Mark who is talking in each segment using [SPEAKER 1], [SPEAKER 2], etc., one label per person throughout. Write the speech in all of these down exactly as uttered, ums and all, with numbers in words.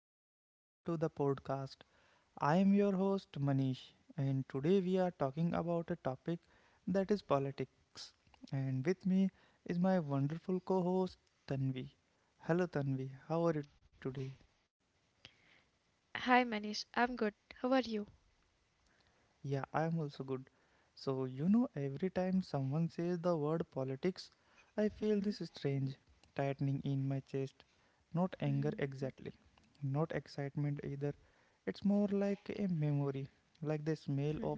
[SPEAKER 1] and welcome to the podcast. I am your host, Manish, and today we are talking about a topic that is politics. And with me is my wonderful co host, Tanvi. Hello, Tanvi, how are you today?
[SPEAKER 2] Hi Manish, I'm good. How are you?
[SPEAKER 1] Yeah, I am also good. So, you know, every time someone says the word politics, I feel this
[SPEAKER 2] Mm-hmm,
[SPEAKER 1] strange tightening in my chest. Not anger
[SPEAKER 2] mm-hmm,
[SPEAKER 1] exactly, not excitement either. It's more like a memory, like the smell of
[SPEAKER 2] mm-hmm.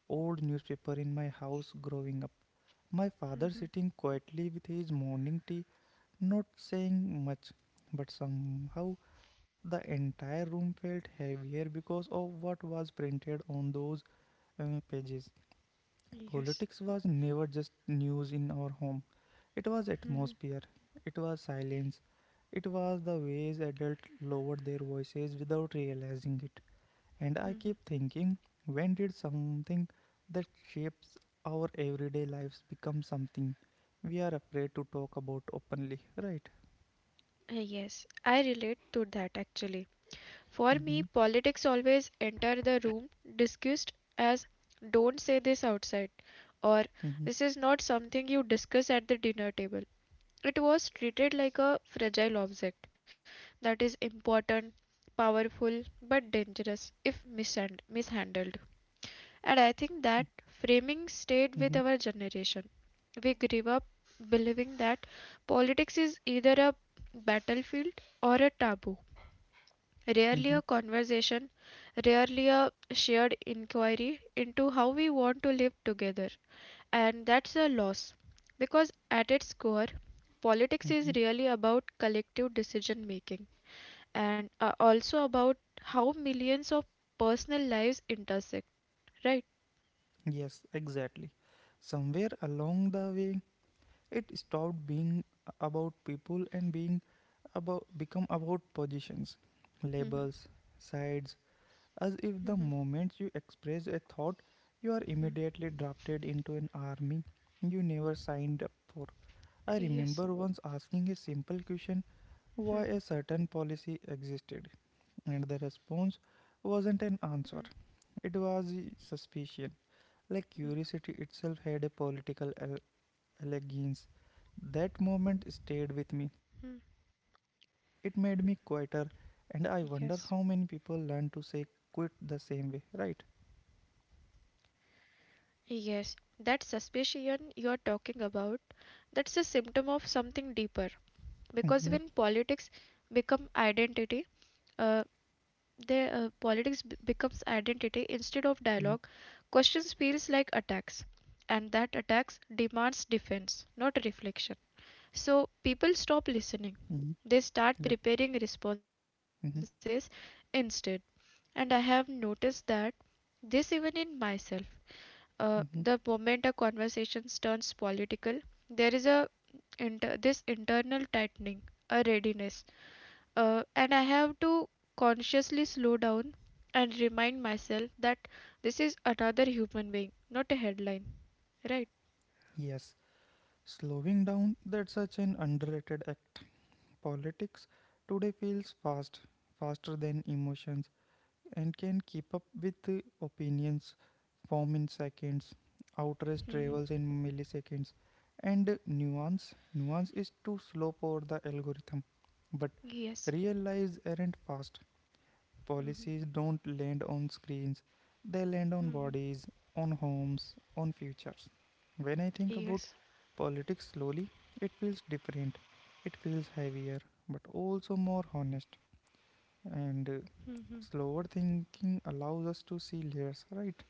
[SPEAKER 1] old newspaper in my house growing up. My father sitting quietly with his morning tea, not saying much, but somehow the entire room felt heavier because of what was printed on those uh, pages.
[SPEAKER 2] Yes.
[SPEAKER 1] Politics was never just news in our home. It was atmosphere, it was silence, it was the ways adults lowered their voices without realizing it. And I keep thinking, when did something that shapes our everyday lives become something we are afraid to talk about openly, right?
[SPEAKER 2] Uh, Yes, I relate to that actually. For
[SPEAKER 1] Mm-hmm,
[SPEAKER 2] me, politics always enter the room discussed as don't say this outside or
[SPEAKER 1] mm-hmm,
[SPEAKER 2] this is not something you discuss at the dinner table. It was treated like a fragile object that is
[SPEAKER 1] mm-hmm,
[SPEAKER 2] important, powerful, but dangerous if mishand- mishandled. And I think that framing
[SPEAKER 1] mm-hmm, mm-hmm,
[SPEAKER 2] stayed with our generation. We grew up believing that politics is either a battlefield or a taboo,
[SPEAKER 1] mm-hmm.
[SPEAKER 2] rarely a conversation, rarely a shared inquiry into how we want to live together. And that's a loss because at its core,
[SPEAKER 1] Mm-hmm.
[SPEAKER 2] politics is really about collective decision making and uh, also about how millions of personal lives intersect, right?
[SPEAKER 1] Yes, exactly. Somewhere along the way, it stopped being about people and being about become about positions, labels,
[SPEAKER 2] Mhm.
[SPEAKER 1] sides, as if the moment
[SPEAKER 2] Mhm.
[SPEAKER 1] you express a thought, you are immediately drafted into an army you never signed up for. I remember once
[SPEAKER 2] Yes.
[SPEAKER 1] asking a simple question why a certain policy existed, and the response wasn't an answer. It was suspicion. Like curiosity itself had a political al- allegiance. That moment
[SPEAKER 2] Mhm.
[SPEAKER 1] stayed with me. It made me quieter, and I wonder how many
[SPEAKER 2] Yes.
[SPEAKER 1] people learn to say quit the same way, right?
[SPEAKER 2] Yes. That suspicion you are talking about, that's a symptom of something deeper.
[SPEAKER 1] Mm-hmm.
[SPEAKER 2] Because when politics become identity, uh, the uh, politics b- becomes identity instead of dialogue. Questions feels like attacks, and that attacks demands defense, not reflection.
[SPEAKER 1] Mm-hmm.
[SPEAKER 2] So people stop
[SPEAKER 1] Yeah.
[SPEAKER 2] listening. They start
[SPEAKER 1] Mm-hmm.
[SPEAKER 2] preparing responses instead. And I have noticed that this even in myself. Uh,
[SPEAKER 1] Mm-hmm.
[SPEAKER 2] the moment a conversation turns political, there is a inter- this internal tightening, a readiness, uh, and I have to consciously slow down and remind myself that this is another human being, not a headline, right?
[SPEAKER 1] Yes, slowing down, that's such an underrated act. Politics today feels fast, faster than emotions. And can keep up with the opinions form in seconds, outrage travels in
[SPEAKER 2] Hmm.
[SPEAKER 1] milliseconds, and nuance. Nuance is too slow for the algorithm. But real
[SPEAKER 2] Yes.
[SPEAKER 1] lives aren't fast. Policies
[SPEAKER 2] Hmm.
[SPEAKER 1] don't land on screens, they land on
[SPEAKER 2] Hmm.
[SPEAKER 1] bodies, on homes, on futures. When I think about
[SPEAKER 2] Yes.
[SPEAKER 1] politics slowly, it feels different. It feels heavier, but also more honest. And uh,
[SPEAKER 2] Mm-hmm.
[SPEAKER 1] Slower thinking allows us to see layers, right?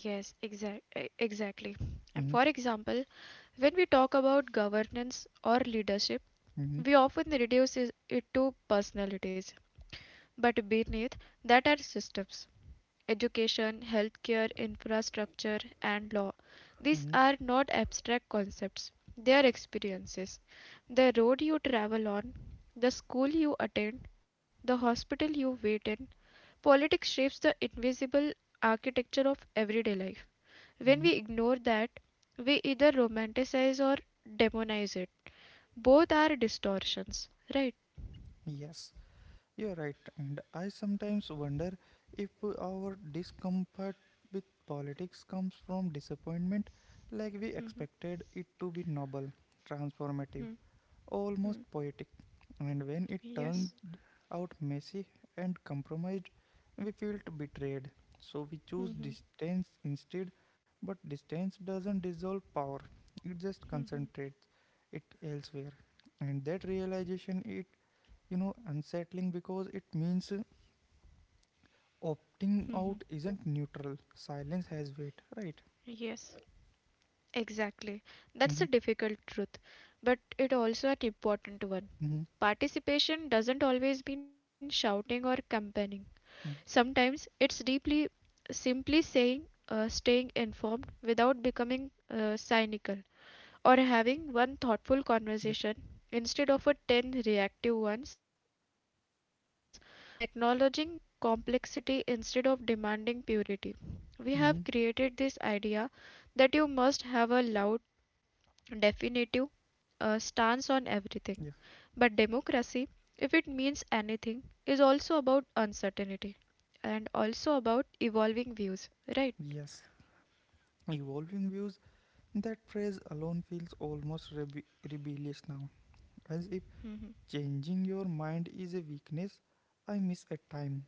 [SPEAKER 2] Yes, exact, exactly. Uh,
[SPEAKER 1] Hmm.
[SPEAKER 2] For example, when we talk about governance or leadership,
[SPEAKER 1] Hmm.
[SPEAKER 2] we often reduce is- it to personalities, but beneath that are systems. Education, healthcare, infrastructure, and law. These
[SPEAKER 1] Hmm.
[SPEAKER 2] are not abstract concepts, they are experiences. The road you travel on, the school you attend, the hospital you wait in, politics shapes the invisible architecture of everyday life. When
[SPEAKER 1] Hmm.
[SPEAKER 2] we ignore that, we either romanticize or demonize it. Both are distortions, right?
[SPEAKER 1] Yes, you're right. And I sometimes wonder if our discomfort with politics comes from disappointment, like we
[SPEAKER 2] Mhm,
[SPEAKER 1] expected it to be noble, transformative,
[SPEAKER 2] mhm,
[SPEAKER 1] almost
[SPEAKER 2] mhm.
[SPEAKER 1] poetic. And when it
[SPEAKER 2] Yes.
[SPEAKER 1] turns out messy and compromised, we feel betrayed. So we choose
[SPEAKER 2] Mhm,
[SPEAKER 1] distance instead, but distance doesn't dissolve power, it just
[SPEAKER 2] mhm,
[SPEAKER 1] concentrates it elsewhere. And that realization it, you know, unsettling because it means uh,
[SPEAKER 2] mhm.
[SPEAKER 1] opting out isn't neutral. Silence has weight, right?
[SPEAKER 2] Yes. Exactly. That's a difficult
[SPEAKER 1] Mm-hmm.
[SPEAKER 2] truth, but it also an important one.
[SPEAKER 1] Mm-hmm.
[SPEAKER 2] Participation doesn't always mean shouting or campaigning. Sometimes
[SPEAKER 1] Mm.
[SPEAKER 2] it's deeply simply saying uh, staying informed without becoming uh, cynical, or having
[SPEAKER 1] Yeah.
[SPEAKER 2] one thoughtful conversation instead of a ten reactive ones, or acknowledging complexity instead of demanding purity. We
[SPEAKER 1] Mm-hmm.
[SPEAKER 2] have created this idea that you must have a loud, definitive uh, stance
[SPEAKER 1] Yeah.
[SPEAKER 2] on everything. But democracy, if it means anything, is also about uncertainty and also about evolving views, right?
[SPEAKER 1] Yes. Evolving views, that phrase alone feels almost rebe- rebellious now, as if
[SPEAKER 2] Mm-hmm.
[SPEAKER 1] changing your mind is a weakness I miss at time,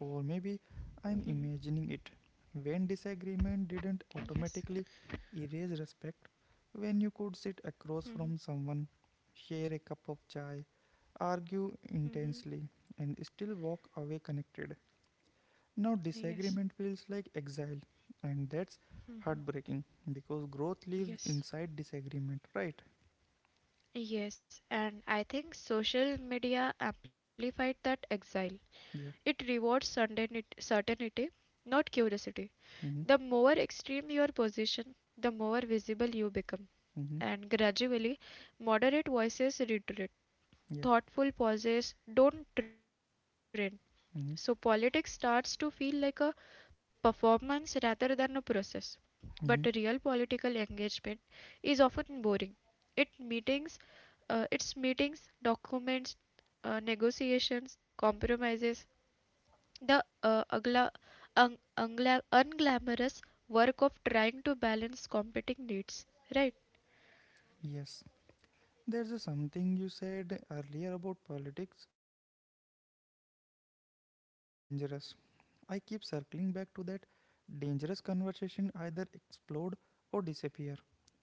[SPEAKER 1] or maybe
[SPEAKER 2] Mm-hmm.
[SPEAKER 1] I'm imagining it. When disagreement didn't
[SPEAKER 2] Yes.
[SPEAKER 1] automatically erase respect, when you could sit
[SPEAKER 2] Mm-hmm.
[SPEAKER 1] across from someone, share a cup of chai, argue
[SPEAKER 2] Mm-hmm.
[SPEAKER 1] intensely, and still walk away connected. Now,
[SPEAKER 2] Yes.
[SPEAKER 1] disagreement feels like exile, and that's heartbreaking because growth lives
[SPEAKER 2] Yes.
[SPEAKER 1] inside disagreement, right?
[SPEAKER 2] Yes, and I think social media amplified that exile. It
[SPEAKER 1] Yeah.
[SPEAKER 2] rewards certainty, certainty, not curiosity. The
[SPEAKER 1] Mm-hmm.
[SPEAKER 2] more extreme your position, the more visible you become.
[SPEAKER 1] Mm-hmm.
[SPEAKER 2] And gradually, moderate voices retreat.
[SPEAKER 1] Yeah.
[SPEAKER 2] Thoughtful pauses don't trend. So politics
[SPEAKER 1] Mm-hmm.
[SPEAKER 2] starts to feel like a performance rather than a process. But real political
[SPEAKER 1] Mm-hmm.
[SPEAKER 2] engagement is often boring. It meetings uh, its meetings, documents, uh, negotiations, compromises, the uh, ugla, un, ungla, unglamorous work of trying to balance competing needs, right?
[SPEAKER 1] Yes. There's a something you said earlier about politics being treated as dangerous. I keep circling back to that dangerous conversation either explode or disappear.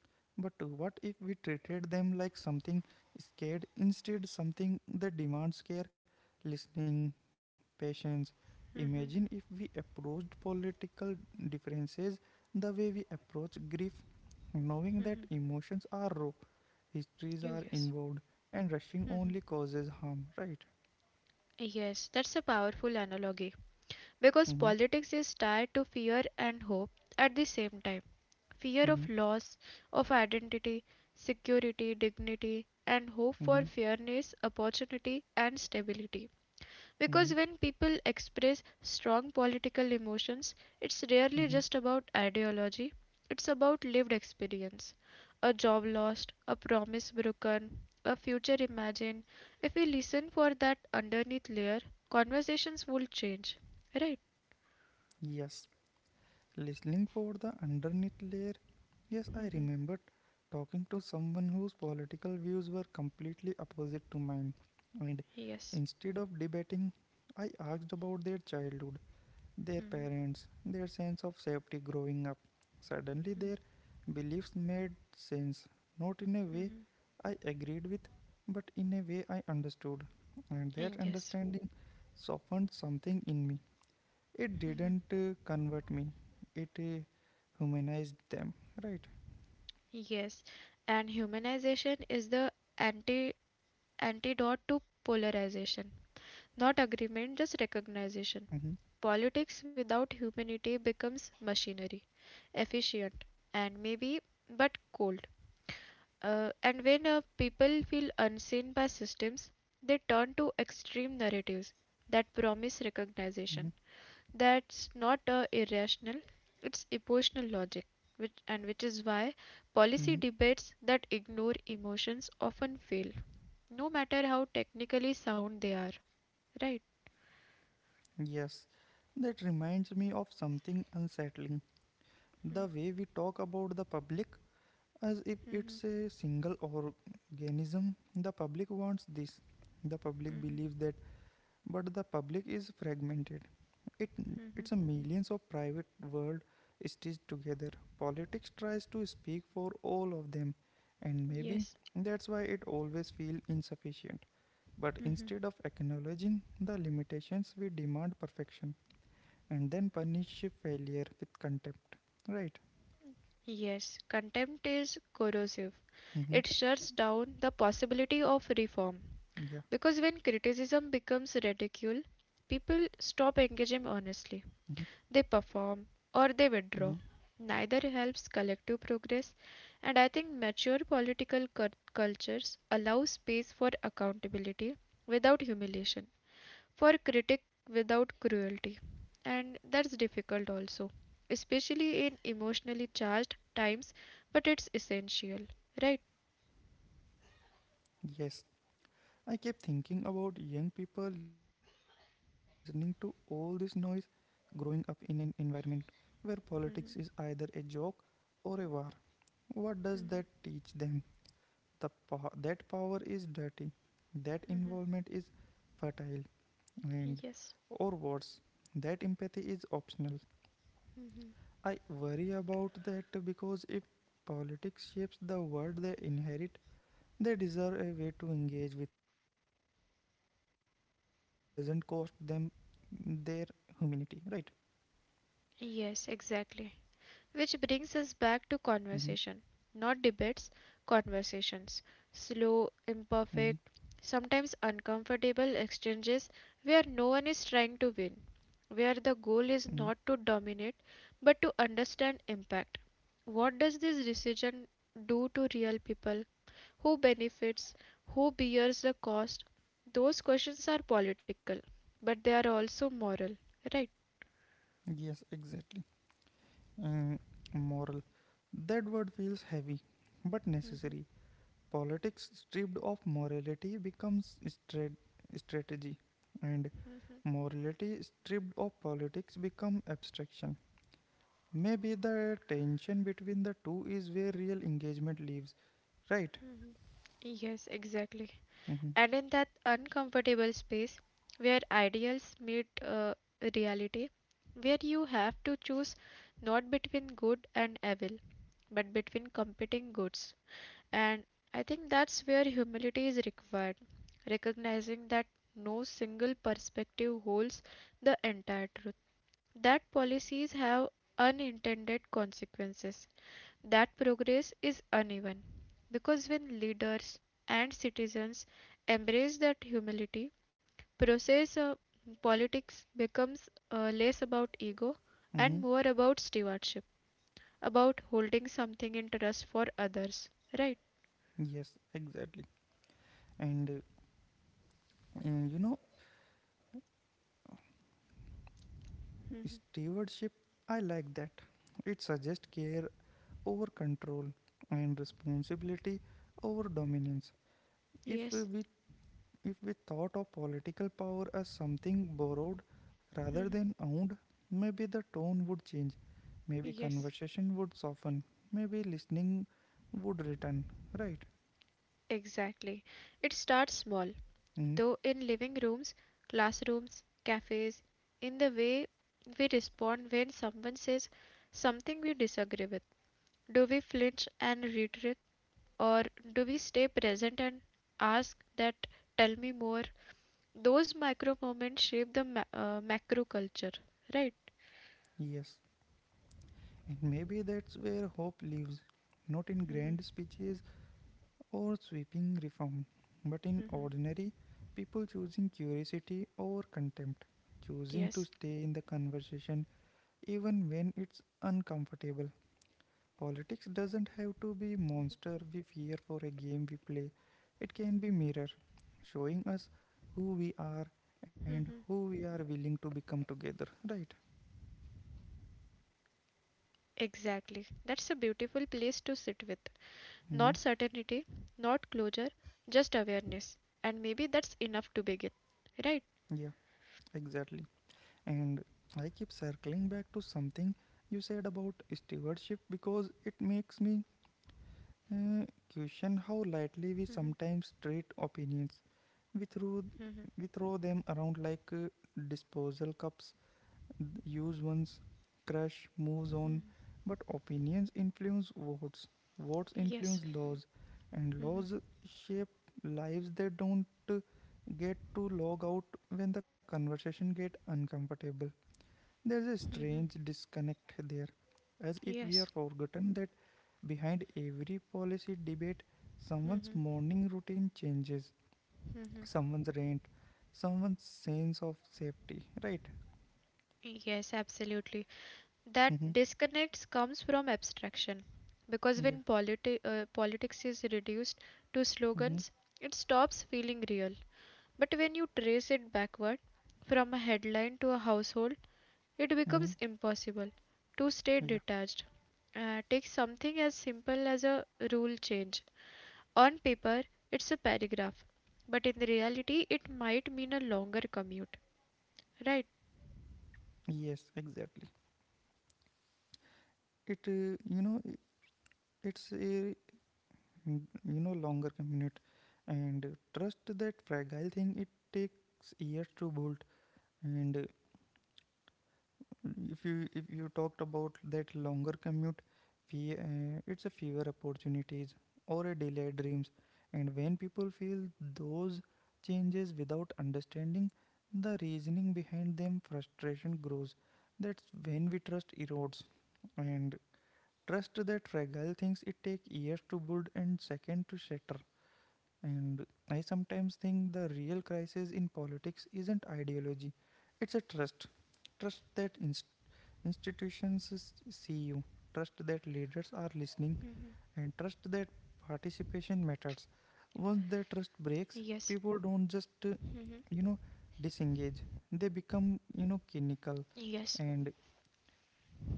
[SPEAKER 1] But uh, what if we treated them like something scared instead something that demands care, listening, patience? Imagine if we approached political differences the way we approach grief. Knowing that emotions are raw, histories are
[SPEAKER 2] Yes.
[SPEAKER 1] involved, and rushing
[SPEAKER 2] Mhm.
[SPEAKER 1] only causes harm, right?
[SPEAKER 2] Yes, that's a powerful analogy because
[SPEAKER 1] Mm-hmm,
[SPEAKER 2] politics is tied to fear and hope at the same time. Fear of
[SPEAKER 1] mm-hmm,
[SPEAKER 2] loss of identity, security, dignity, and hope for
[SPEAKER 1] mm-hmm,
[SPEAKER 2] fairness, opportunity, and stability. Because
[SPEAKER 1] mm-hmm,
[SPEAKER 2] when people express strong political emotions, it's rarely
[SPEAKER 1] mm-hmm.
[SPEAKER 2] just about ideology, it's about lived experience. A job lost, a promise broken, a future imagined. If we listen for that underneath layer, conversations will change. Right?
[SPEAKER 1] Yes, listening for the underneath layer. Yes, I
[SPEAKER 2] Mhm.
[SPEAKER 1] remembered talking to someone whose political views were completely opposite to mine. And
[SPEAKER 2] Yes.
[SPEAKER 1] instead of debating, I asked about their childhood, their
[SPEAKER 2] Hmm.
[SPEAKER 1] parents, their sense of safety growing up. Suddenly, their beliefs made sense, not in a way I agreed with, but in a way I understood. And that
[SPEAKER 2] Yes.
[SPEAKER 1] understanding softened something in me. It didn't uh, convert me, it uh, humanized them, right?
[SPEAKER 2] Yes. And humanization is the anti antidote to polarization. Not agreement, just
[SPEAKER 1] Mm-hmm,
[SPEAKER 2] recognition. Politics without humanity becomes machinery, efficient, and maybe but cold. Uh, and when uh, people feel unseen by systems, they turn to extreme narratives that
[SPEAKER 1] mm-hmm,
[SPEAKER 2] promise recognition. That's not uh, irrational, it's emotional logic, which, and which is why
[SPEAKER 1] mm-hmm.
[SPEAKER 2] policy debates that ignore emotions often fail, no matter how technically sound they are. Right?
[SPEAKER 1] Yes, that reminds me of something unsettling the way we talk about the public as if
[SPEAKER 2] Mhm.
[SPEAKER 1] it's a single organism. The public wants this. The public
[SPEAKER 2] Mhm.
[SPEAKER 1] believes that, but the public is fragmented. It it's a millions of private world stitched together. Politics tries to speak for all of them, and maybe
[SPEAKER 2] Yes.
[SPEAKER 1] that's why it always feels insufficient. But
[SPEAKER 2] Mhm.
[SPEAKER 1] instead of acknowledging the limitations, we demand perfection and then punish failure with contempt. Right?
[SPEAKER 2] Yes. Contempt is corrosive. It
[SPEAKER 1] Mm-hmm.
[SPEAKER 2] shuts down the possibility of reform.
[SPEAKER 1] Yeah.
[SPEAKER 2] Because when criticism becomes ridicule, people stop engaging
[SPEAKER 1] Mm-hmm.
[SPEAKER 2] honestly. They perform or they
[SPEAKER 1] Mm-hmm.
[SPEAKER 2] withdraw. Neither helps collective progress, and I think mature political cul- cultures allow space for accountability without humiliation,
[SPEAKER 1] Mm-hmm.
[SPEAKER 2] for critic without cruelty, and that's difficult also, especially in emotionally charged times, but it's essential, right?
[SPEAKER 1] Yes, I kept thinking about young people listening to all this noise, growing up in an environment where politics is either a joke or a war. What does that teach them? The po- that power is dirty, that involvement is fertile, and
[SPEAKER 2] Yes.
[SPEAKER 1] or worse, that empathy is optional. I worry about that because if politics shapes the world they inherit, they deserve a way to engage with it that doesn't cost them their humanity, right?
[SPEAKER 2] Yes, exactly. Which brings us back to
[SPEAKER 1] Mm-hmm,
[SPEAKER 2] conversation, not debates, conversations. Slow,
[SPEAKER 1] mm-hmm,
[SPEAKER 2] imperfect, sometimes uncomfortable exchanges where no one is trying to win, where the goal is
[SPEAKER 1] mm-hmm.
[SPEAKER 2] not to dominate but to understand impact. What does this decision do to real people? Who benefits? Who bears the cost? Those questions are political, but they are also moral, right?
[SPEAKER 1] Yes, exactly. Uh, moral. That word feels heavy, but
[SPEAKER 2] Mhm.
[SPEAKER 1] necessary. Politics stripped of morality becomes stra strategy, and morality stripped of politics become abstraction. Maybe the tension between the two is where real engagement lives, right?
[SPEAKER 2] Mhm. Yes, exactly.
[SPEAKER 1] Mm-hmm,
[SPEAKER 2] And in that uncomfortable space where ideals meet uh, reality, where you have to choose not between good and evil, but between competing goods. And I think that's where humility is required, recognizing that no single perspective holds the entire truth, that policies have unintended consequences, that progress is uneven. Because when leaders and citizens embrace that humility, process uh, politics becomes uh, less about ego
[SPEAKER 1] mm-hmm.
[SPEAKER 2] and more about stewardship, about holding something in trust for others. Right?
[SPEAKER 1] Yes, exactly. And uh, you know,
[SPEAKER 2] Hmm.
[SPEAKER 1] stewardship, I like that. It suggests care over control and responsibility over dominance. If
[SPEAKER 2] Yes.
[SPEAKER 1] we if we thought of political power as something borrowed rather
[SPEAKER 2] Hmm.
[SPEAKER 1] than owned, maybe the tone would change. Maybe
[SPEAKER 2] Yes.
[SPEAKER 1] conversation would soften. Maybe listening would return. Right?
[SPEAKER 2] Exactly. It starts small,
[SPEAKER 1] Mm,
[SPEAKER 2] though in living rooms, classrooms, cafes, in the way we respond when someone says something we disagree with. Do we flinch and retreat, or do we stay present and ask that tell me more? Those micro moments shape the ma- uh, macro culture, right?
[SPEAKER 1] yes. And maybe that's where hope lives. Not in
[SPEAKER 2] Hmm.
[SPEAKER 1] grand speeches, or sweeping reform, but in
[SPEAKER 2] Hmm.
[SPEAKER 1] ordinary, people choosing curiosity over contempt, choosing to
[SPEAKER 2] Yes.
[SPEAKER 1] stay in the conversation even when it's uncomfortable. Politics doesn't have to be monster we fear for a game we play. It can be mirror showing us
[SPEAKER 2] Hmm.
[SPEAKER 1] who we are and who we are willing to become together, right?
[SPEAKER 2] Exactly. That's a beautiful place to sit with. Not certainty, not closure,
[SPEAKER 1] Hmm.
[SPEAKER 2] just awareness. And maybe that's enough to begin, right?
[SPEAKER 1] Yeah, exactly. And I keep circling back to something you said about stewardship because it makes me uh, question how
[SPEAKER 2] Hmm.
[SPEAKER 1] lightly we sometimes treat opinions. We
[SPEAKER 2] Hmm.
[SPEAKER 1] throw, we throw them around like uh, disposal cups, use once, crush, moves on. But opinions influence votes, votes
[SPEAKER 2] Yes.
[SPEAKER 1] influence laws, and laws shape lives. They don't uh, get to log out when the conversation get uncomfortable. There's a strange
[SPEAKER 2] Hmm.
[SPEAKER 1] disconnect there as if we
[SPEAKER 2] Yes.
[SPEAKER 1] are forgotten that behind every policy debate, someone's
[SPEAKER 2] Hmm.
[SPEAKER 1] morning routine changes,
[SPEAKER 2] Hmm.
[SPEAKER 1] someone's rent, someone's sense of safety, right?
[SPEAKER 2] Yes, absolutely.
[SPEAKER 1] Mm-hmm.
[SPEAKER 2] That disconnects comes from abstraction because
[SPEAKER 1] Yeah.
[SPEAKER 2] when politi- uh, politics is reduced to
[SPEAKER 1] Mm-hmm.
[SPEAKER 2] slogans, it stops feeling real. But when you trace it backward from a headline to a household, it
[SPEAKER 1] Mm-hmm.
[SPEAKER 2] becomes impossible to stay
[SPEAKER 1] Yeah.
[SPEAKER 2] detached. Uh, take something as simple as a rule change. On paper it's a paragraph, but in reality it might mean a longer commute, right?
[SPEAKER 1] Yes, exactly. It, uh, you know, I- it's a, mm, you know, Longer commute and uh, trust that fragile thing, it takes years to build and uh, if you if you talked about that longer commute fe- uh, it's a fewer opportunities or a delayed dreams and when people feel those changes without understanding the reasoning behind them frustration grows. That's when we trust erodes and trust that fragile things it take years to build and second to shatter. And I sometimes think the real crisis in politics isn't ideology, it's a trust. Trust that institutions see you, trust that
[SPEAKER 2] Hmm.
[SPEAKER 1] leaders are listening, and trust that participation matters. Once
[SPEAKER 2] Yes.
[SPEAKER 1] that trust breaks, people
[SPEAKER 2] Hmm.
[SPEAKER 1] don't just, uh, you know, disengage. They become,
[SPEAKER 2] Yes.
[SPEAKER 1] you know, cynical, and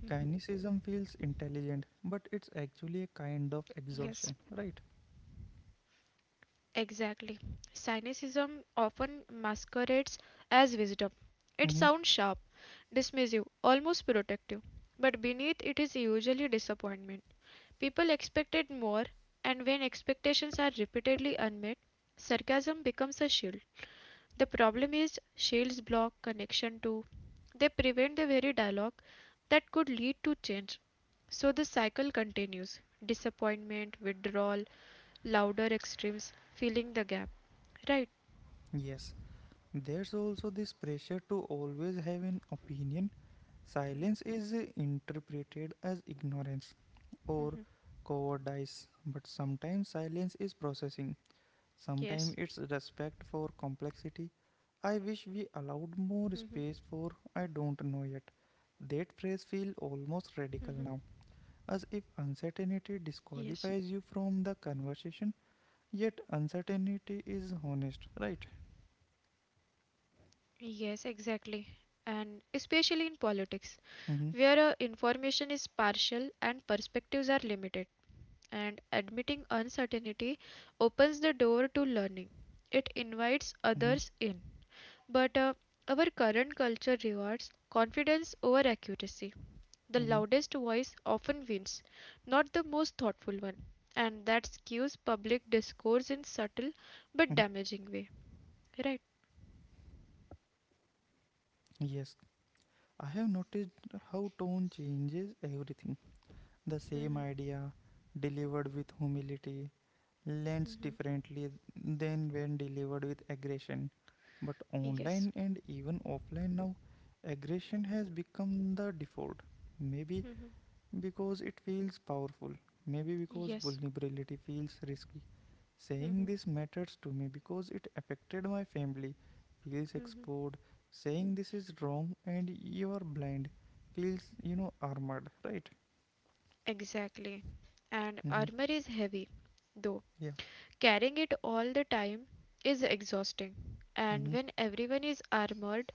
[SPEAKER 1] cynicism feels intelligent, but it's
[SPEAKER 2] Yes.
[SPEAKER 1] actually a kind of exhaustion, right?
[SPEAKER 2] Exactly. Cynicism often masquerades as wisdom. It sounds sharp,
[SPEAKER 1] Mm-hmm.
[SPEAKER 2] dismissive, almost protective, but beneath it is usually disappointment. People expected more, and when expectations are repeatedly unmet, sarcasm becomes a shield. The problem is, shields block connection too. They prevent the very dialogue that could lead to change. So the cycle continues: disappointment, withdrawal, louder extremes filling the gap, right?
[SPEAKER 1] Yes, there's also this pressure to always have an opinion. Silence is interpreted as ignorance or cowardice, but sometimes silence is processing, sometimes
[SPEAKER 2] Yes.
[SPEAKER 1] it's respect for complexity. I wish we
[SPEAKER 2] Hmm.
[SPEAKER 1] allowed more space for I don't know yet. That phrase
[SPEAKER 2] Hmm.
[SPEAKER 1] feels almost radical now, as if
[SPEAKER 2] Yes.
[SPEAKER 1] uncertainty disqualifies you from the conversation, yet uncertainty is honest, right?
[SPEAKER 2] Yes, exactly, and especially in politics where uh,
[SPEAKER 1] Mm-hmm,
[SPEAKER 2] information is partial and perspectives are limited, and admitting uncertainty opens the door to learning, it invites
[SPEAKER 1] mm-hmm,
[SPEAKER 2] others in. But uh, our current culture rewards confidence over accuracy. The
[SPEAKER 1] mm-hmm, mm-hmm.
[SPEAKER 2] loudest voice often wins, not the most thoughtful one, and that skews public discourse in
[SPEAKER 1] Mm-hmm.
[SPEAKER 2] subtle but damaging way. Right?
[SPEAKER 1] Yes, I have noticed how tone changes everything. The
[SPEAKER 2] Mm-hmm.
[SPEAKER 1] same idea, delivered with humility, lands
[SPEAKER 2] Mm-hmm.
[SPEAKER 1] differently than when delivered with aggression. But
[SPEAKER 2] Yes.
[SPEAKER 1] online and even offline now, aggression has become the default. Maybe
[SPEAKER 2] Mm-hmm.
[SPEAKER 1] because it feels powerful. Maybe because
[SPEAKER 2] Yes.
[SPEAKER 1] vulnerability feels risky. Saying
[SPEAKER 2] Mm-hmm.
[SPEAKER 1] this matters to me because it affected my family feels
[SPEAKER 2] Mm-hmm.
[SPEAKER 1] exposed. Saying this is wrong and you are blind feels, you know, armored, right?
[SPEAKER 2] Exactly. And
[SPEAKER 1] Mm-hmm.
[SPEAKER 2] armor is heavy, though.
[SPEAKER 1] Yeah.
[SPEAKER 2] Carrying it all the time is exhausting. And
[SPEAKER 1] Mm-hmm.
[SPEAKER 2] when everyone is armored,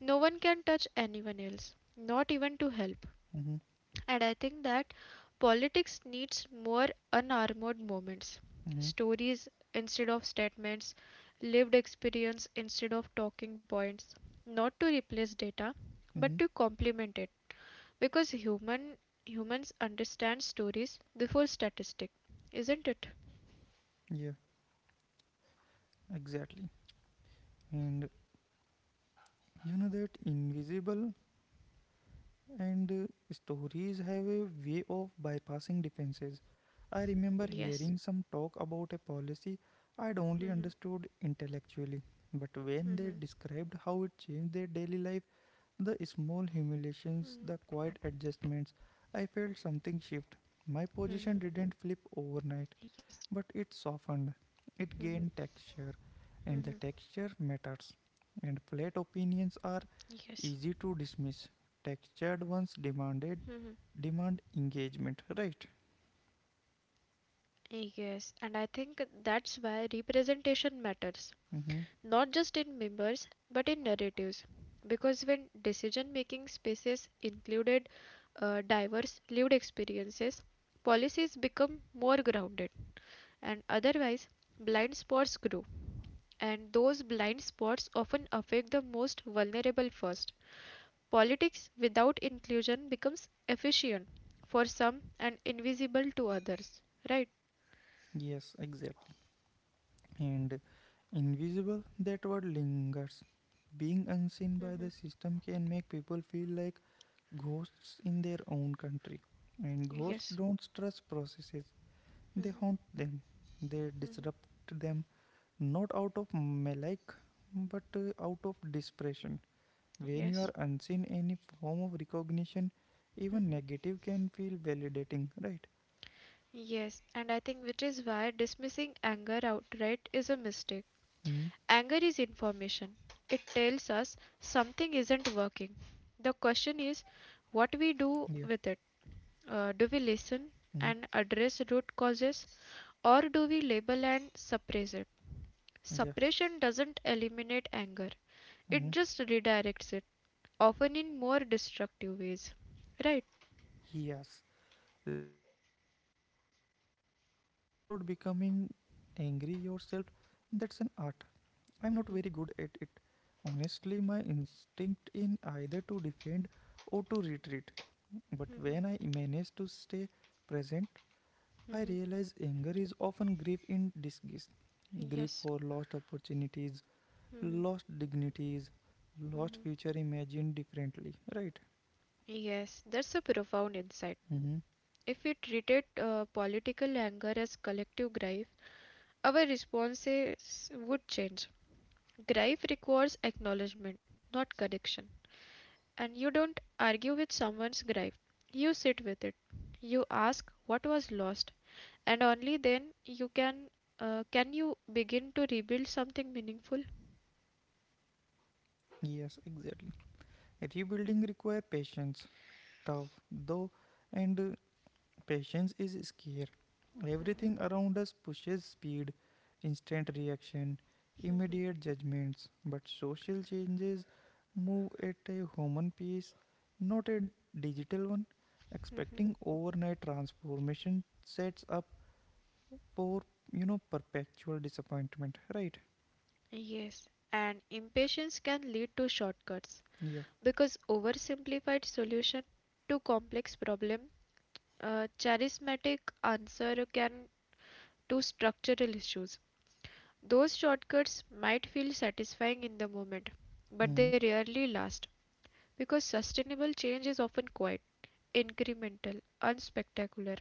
[SPEAKER 2] no one can touch anyone else, not even to help.
[SPEAKER 1] Mm-hmm.
[SPEAKER 2] And I think that politics needs more unarmored moments,
[SPEAKER 1] Mm-hmm.
[SPEAKER 2] stories instead of statements, lived experience instead of talking points, not to replace data, but
[SPEAKER 1] Mm-hmm.
[SPEAKER 2] to complement it. Because human humans understand stories before statistic, isn't it?
[SPEAKER 1] Yeah, exactly. And you know that invisible. And uh, Stories have a way of bypassing defenses. I remember hearing
[SPEAKER 2] Yes.
[SPEAKER 1] some talk about a policy I'd only understood
[SPEAKER 2] Mm-hmm.
[SPEAKER 1] intellectually, but when they
[SPEAKER 2] Mm-hmm.
[SPEAKER 1] described how it changed their daily life, the small
[SPEAKER 2] Mm-hmm.
[SPEAKER 1] humiliations, the quiet adjustments, I felt something shift.
[SPEAKER 2] Mm-hmm.
[SPEAKER 1] My position didn't flip
[SPEAKER 2] Yes.
[SPEAKER 1] overnight, but it softened,
[SPEAKER 2] Mm-hmm.
[SPEAKER 1] it gained texture,
[SPEAKER 2] Mm-hmm.
[SPEAKER 1] and the texture matters. And flat opinions are
[SPEAKER 2] Yes.
[SPEAKER 1] easy to dismiss. Textured ones demanded
[SPEAKER 2] Mm-hmm.
[SPEAKER 1] demand engagement, right?
[SPEAKER 2] Yes, and I think that's why representation matters,
[SPEAKER 1] Mm-hmm.
[SPEAKER 2] not just in members but in narratives. Because when decision making spaces included uh, diverse lived experiences, policies become more grounded, and otherwise, blind spots grow. And those blind spots often affect the most vulnerable first. Politics without inclusion becomes efficient for some and invisible to others, right?
[SPEAKER 1] Yes, exactly. And invisible, that word lingers. Being unseen by the
[SPEAKER 2] Mm-hmm.
[SPEAKER 1] system can make people feel like ghosts in their own country. And ghosts
[SPEAKER 2] Yes,
[SPEAKER 1] don't trust processes, they haunt them, they disrupt them, not out of malike, but uh, out of desperation. When you are
[SPEAKER 2] yes.
[SPEAKER 1] unseen, any form of recognition, even
[SPEAKER 2] Mhm.
[SPEAKER 1] negative, can feel validating, right?
[SPEAKER 2] Yes, and I think which is why dismissing anger outright is a mistake.
[SPEAKER 1] Mm,
[SPEAKER 2] Anger is information, it tells us something isn't working. The question is
[SPEAKER 1] yeah.
[SPEAKER 2] what we do with it. Uh, do we listen
[SPEAKER 1] Mm,
[SPEAKER 2] and address root causes, or do we label and suppress it?
[SPEAKER 1] yeah.
[SPEAKER 2] Suppression doesn't eliminate anger, it
[SPEAKER 1] Mm,
[SPEAKER 2] just redirects it, often in more destructive ways. Right?
[SPEAKER 1] yes. Listening to anger without becoming angry yourself, that's an art. I'm not very good at
[SPEAKER 2] Hmm.
[SPEAKER 1] it. Honestly, my instinct in either to defend or to retreat. But
[SPEAKER 2] Hmm.
[SPEAKER 1] when I manage to stay present, I
[SPEAKER 2] Hmm.
[SPEAKER 1] realize anger is often grief in disguise. Grief
[SPEAKER 2] Yes.
[SPEAKER 1] for lost opportunities,
[SPEAKER 2] Hmm.
[SPEAKER 1] lost dignities, lost
[SPEAKER 2] Hmm.
[SPEAKER 1] future imagined differently. Right?
[SPEAKER 2] Yes, that's a profound insight.
[SPEAKER 1] Hmm.
[SPEAKER 2] If we treated uh, political anger as collective grief, our responses would change. Grief requires acknowledgement, not correction. And you don't argue with someone's grief, you sit with it. You ask what was lost, and only then you can uh, can you begin to rebuild something meaningful.
[SPEAKER 1] Yes, exactly. Rebuilding require patience, tough though, and uh, Patience is scarce. Everything around us pushes speed, instant reaction, immediate judgments. But social changes move at a human pace, not a digital one. Expecting overnight transformation sets up for you know perpetual disappointment. Right?
[SPEAKER 2] Yes, and impatience can lead to shortcuts
[SPEAKER 1] Yeah.
[SPEAKER 2] because oversimplified solution to complex problem, a charismatic answer can to structural issues. Those shortcuts might feel satisfying in the moment, but they
[SPEAKER 1] Hmm.
[SPEAKER 2] rarely last because sustainable change is often quiet, incremental, unspectacular,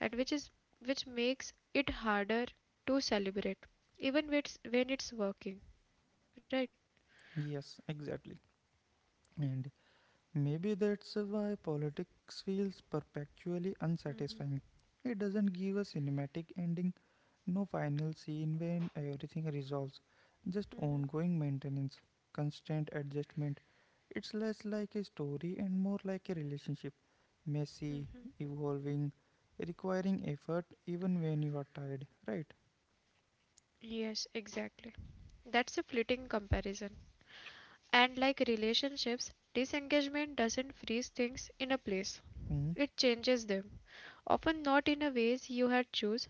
[SPEAKER 2] and which is which makes it harder to celebrate even when it's, when it's working, right?
[SPEAKER 1] Yes. Exactly. And maybe that's why politics feels perpetually unsatisfying. It doesn't give a cinematic ending, no final scene when everything resolves, just ongoing maintenance, constant adjustment. It's less like a story and more like a relationship, messy, evolving, requiring effort even when you are tired, right?
[SPEAKER 2] Yes, exactly. That's a fleeting comparison. And like relationships, disengagement doesn't freeze things in a place.
[SPEAKER 1] Mm,
[SPEAKER 2] It changes them, often not in a ways you had choose.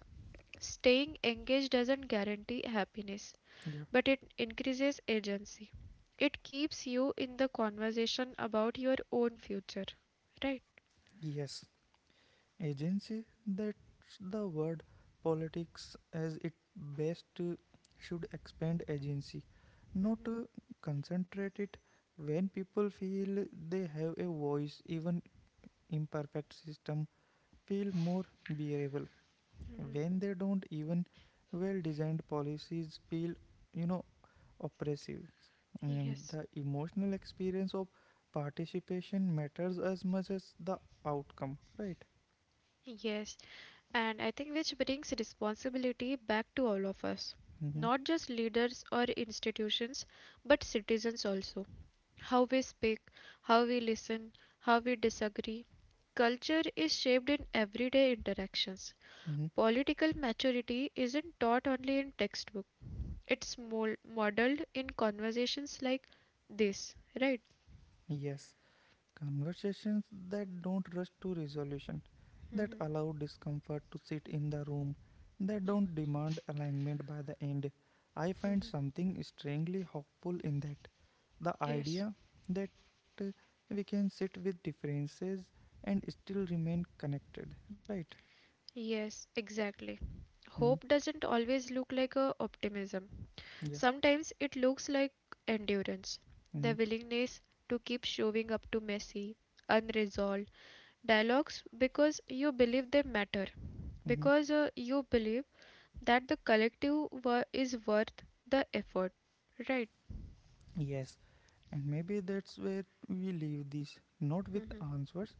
[SPEAKER 2] Staying engaged doesn't guarantee happiness,
[SPEAKER 1] yeah.
[SPEAKER 2] but it increases agency. It keeps you in the conversation about your own future, right?
[SPEAKER 1] Yes. Agency, that's the word. Politics as it best uh, should expand agency, not
[SPEAKER 2] Mhm.
[SPEAKER 1] uh, concentrate it. When people feel they have a voice, even imperfect system feel more bearable. When they don't, even well designed policies feel you know oppressive. And
[SPEAKER 2] Yes.
[SPEAKER 1] the emotional experience of participation matters as much as the outcome, right?
[SPEAKER 2] Yes, and I think which brings responsibility back to all of us,
[SPEAKER 1] Mm-hmm.
[SPEAKER 2] not just leaders or institutions, but citizens also. How we speak, how we listen, how we disagree. Culture is shaped in everyday interactions.
[SPEAKER 1] Mm-hmm.
[SPEAKER 2] Political maturity isn't taught only in textbook. It's mol- modeled in conversations like this, right?
[SPEAKER 1] Yes, conversations that don't rush to resolution, that
[SPEAKER 2] Mhm,
[SPEAKER 1] allow discomfort to sit in the room, that don't demand alignment by the end. I find
[SPEAKER 2] mhm.
[SPEAKER 1] something strangely hopeful in that. The
[SPEAKER 2] Yes.
[SPEAKER 1] idea that uh, we can sit with differences and still remain connected, right?
[SPEAKER 2] Yes, exactly.
[SPEAKER 1] Mm-hmm.
[SPEAKER 2] Hope doesn't always look like a optimism.
[SPEAKER 1] Yeah.
[SPEAKER 2] Sometimes it looks like endurance, the
[SPEAKER 1] Mm-hmm.
[SPEAKER 2] willingness to keep showing up to messy, unresolved dialogues because you believe they matter,
[SPEAKER 1] Mm-hmm.
[SPEAKER 2] because uh, you believe that the collective wor- is worth the effort, right?
[SPEAKER 1] Yes, and maybe that's where we leave this, not with answers,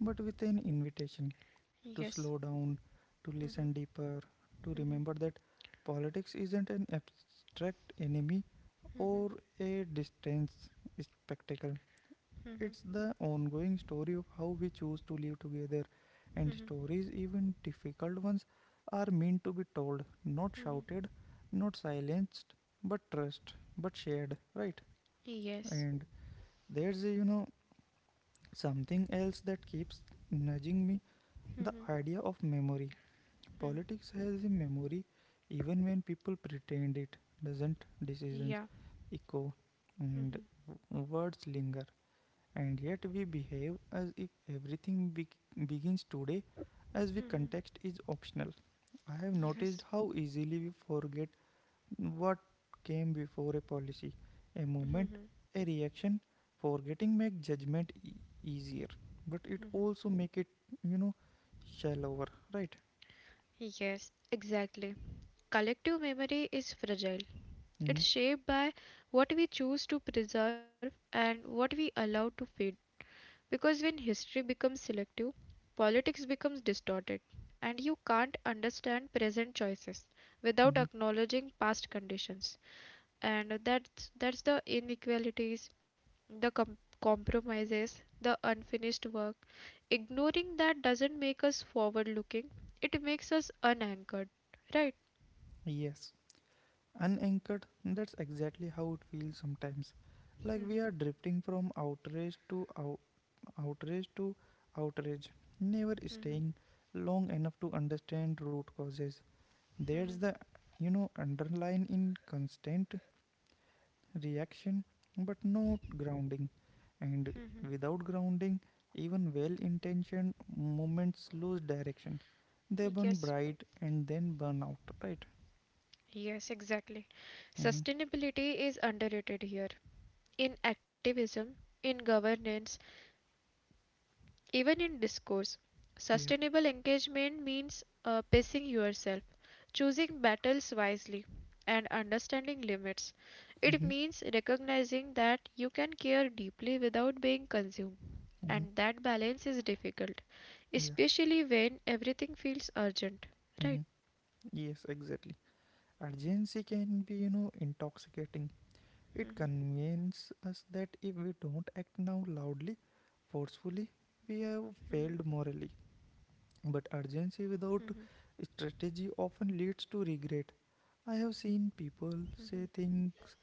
[SPEAKER 1] but with an invitation to slow
[SPEAKER 2] Yes,
[SPEAKER 1] down, to listen deeper, to remember that politics isn't an abstract enemy or a distant spectacle. It's the ongoing story of how we choose to live together, and stories, even difficult ones, are meant to be told, not shouted, not silenced, but trust, but shared, right?
[SPEAKER 2] yes,
[SPEAKER 1] And there's, you know, something else that keeps nudging me the idea of memory. Politics has a memory even when people pretend it doesn't. Decisions
[SPEAKER 2] yeah,
[SPEAKER 1] echo, and
[SPEAKER 2] mhm,
[SPEAKER 1] w- words linger. And yet we behave as if everything be- begins today, as if context is optional. I have noticed
[SPEAKER 2] yes,
[SPEAKER 1] how easily we forget what came before a policy: a movement, a reaction. Forgetting make judgment e- easier, but it also make it you know shallower, right?
[SPEAKER 2] yes, exactly. Collective memory is fragile.
[SPEAKER 1] Mm-hmm.
[SPEAKER 2] It's shaped by what we choose to preserve and what we allow to fade. Because when history becomes selective, politics becomes distorted, and you can't understand present choices without
[SPEAKER 1] Mm-hmm.
[SPEAKER 2] acknowledging past conditions. And that's that's the inequalities, the com- compromises, the unfinished work. Ignoring that doesn't make us forward looking, it makes us unanchored, right?
[SPEAKER 1] Yes, unanchored. That's exactly how it feels sometimes. Like we are drifting from outrage to out, outrage to outrage, never staying long enough to understand root causes. There's the you know underline in constant reaction, but no grounding. And without grounding, even well intentioned movements lose direction. They burn
[SPEAKER 2] Yes,
[SPEAKER 1] bright and then burn out, right?
[SPEAKER 2] yes, exactly.
[SPEAKER 1] Mm-hmm.
[SPEAKER 2] Sustainability is underrated here, in activism, in governance, even in discourse.
[SPEAKER 1] Yeah.
[SPEAKER 2] Sustainable engagement means uh, pacing yourself, choosing battles wisely, and understanding limits. It
[SPEAKER 1] Mm-hmm.
[SPEAKER 2] means recognizing that you can care deeply without being consumed,
[SPEAKER 1] Mm-hmm.
[SPEAKER 2] and that balance is difficult,
[SPEAKER 1] Yeah.
[SPEAKER 2] especially when everything feels urgent. Right?
[SPEAKER 1] Mm-hmm. Yes, exactly. Urgency can be you know intoxicating. It
[SPEAKER 2] Mhm,
[SPEAKER 1] convinces us that if we don't act now, loudly, forcefully,
[SPEAKER 2] mhm,
[SPEAKER 1] we have failed morally. But
[SPEAKER 2] mhm,
[SPEAKER 1] urgency without strategy often leads to regret. I have seen people say things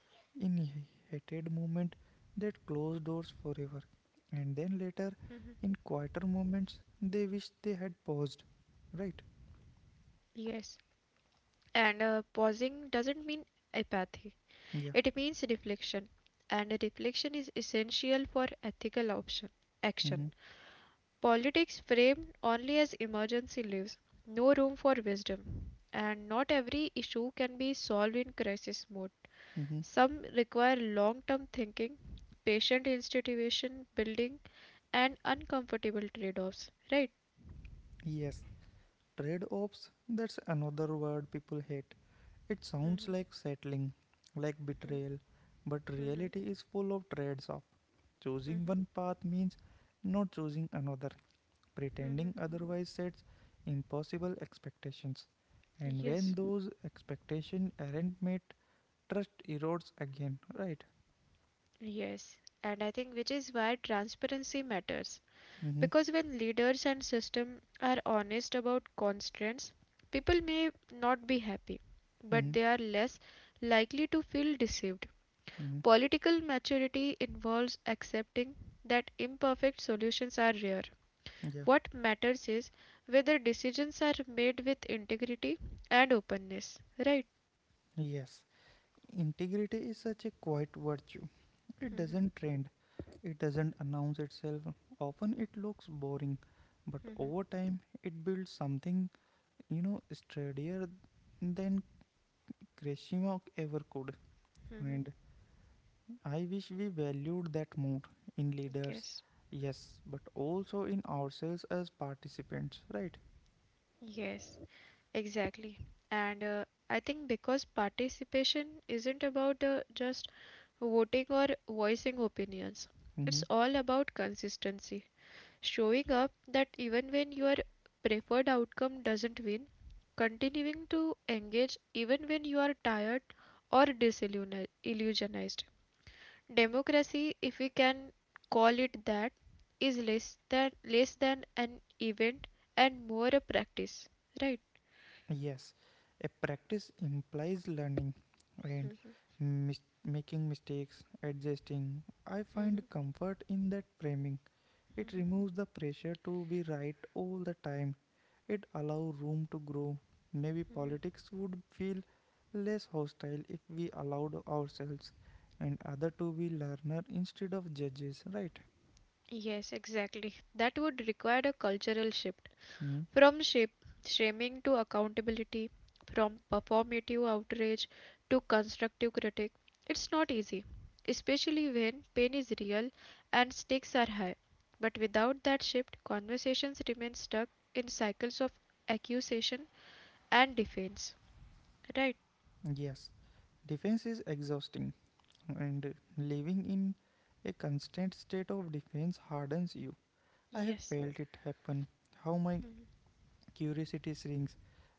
[SPEAKER 1] in heated moment that close doors forever, and then
[SPEAKER 2] mhm.
[SPEAKER 1] later, in quieter moments, they wish they had paused. Right?
[SPEAKER 2] Yes. And uh, pausing doesn't mean apathy.
[SPEAKER 1] Yeah.
[SPEAKER 2] It means reflection, and reflection is essential for ethical option, action.
[SPEAKER 1] Mm-hmm.
[SPEAKER 2] Politics framed only as emergency leaves no room for wisdom, and not every issue can be solved in crisis mode.
[SPEAKER 1] Mm-hmm.
[SPEAKER 2] Some require long term thinking, patient institution building, and uncomfortable trade offs, right?
[SPEAKER 1] Yes. Trade offs, that's another word people hate. It sounds like settling, like betrayal, but reality is full of trades off. Choosing one path means not choosing another. Pretending otherwise sets impossible expectations. And
[SPEAKER 2] Yes.
[SPEAKER 1] when those expectations aren't met, trust erodes again, right?
[SPEAKER 2] Yes, and I think which is why transparency matters.
[SPEAKER 1] Mm-hmm.
[SPEAKER 2] Because when leaders and system are honest about constraints, people may not be happy, but
[SPEAKER 1] Mm-hmm.
[SPEAKER 2] they are less likely to feel deceived.
[SPEAKER 1] Mm-hmm.
[SPEAKER 2] Political maturity involves accepting that imperfect solutions are rare.
[SPEAKER 1] Yeah.
[SPEAKER 2] What matters is whether decisions are made with integrity and openness, right?
[SPEAKER 1] Yes. Integrity is such a quiet virtue. It
[SPEAKER 2] Mhm.
[SPEAKER 1] doesn't trend. It doesn't announce itself. Often it looks boring, but over time it builds something, you know, sturdier than Krishima ever could. And I wish we valued that more in leaders,
[SPEAKER 2] Yes.
[SPEAKER 1] yes, but also in ourselves as participants, right?
[SPEAKER 2] Yes. Exactly. And uh, I think because participation isn't about uh, just voting or voicing opinions, it's
[SPEAKER 1] Mhm.
[SPEAKER 2] all about consistency. Showing up that even when your preferred outcome doesn't win, continuing to engage even when you are tired or disillusionized. Illusionized. Democracy, if we can call it that, is less than less than an event and more a practice, right?
[SPEAKER 1] Yes, a practice implies learning and mis- making mistakes, adjusting. I find comfort in that framing. It removes the pressure to be right all the time. It allows room to grow. Maybe politics would feel less hostile if we allowed ourselves and other to be learner instead of judges, right?
[SPEAKER 2] Yes, exactly. That would require a cultural shift,
[SPEAKER 1] Mm.
[SPEAKER 2] from shape, shaming to accountability, from performative outrage to constructive critique. It's not easy, especially when pain is real and stakes are high. But without that shift, conversations remain stuck in cycles of accusation and defense. Right?
[SPEAKER 1] Yes, defense is exhausting, and living in a constant state of defense hardens you. I have
[SPEAKER 2] Yes.
[SPEAKER 1] felt it happen. How my curiosity shrinks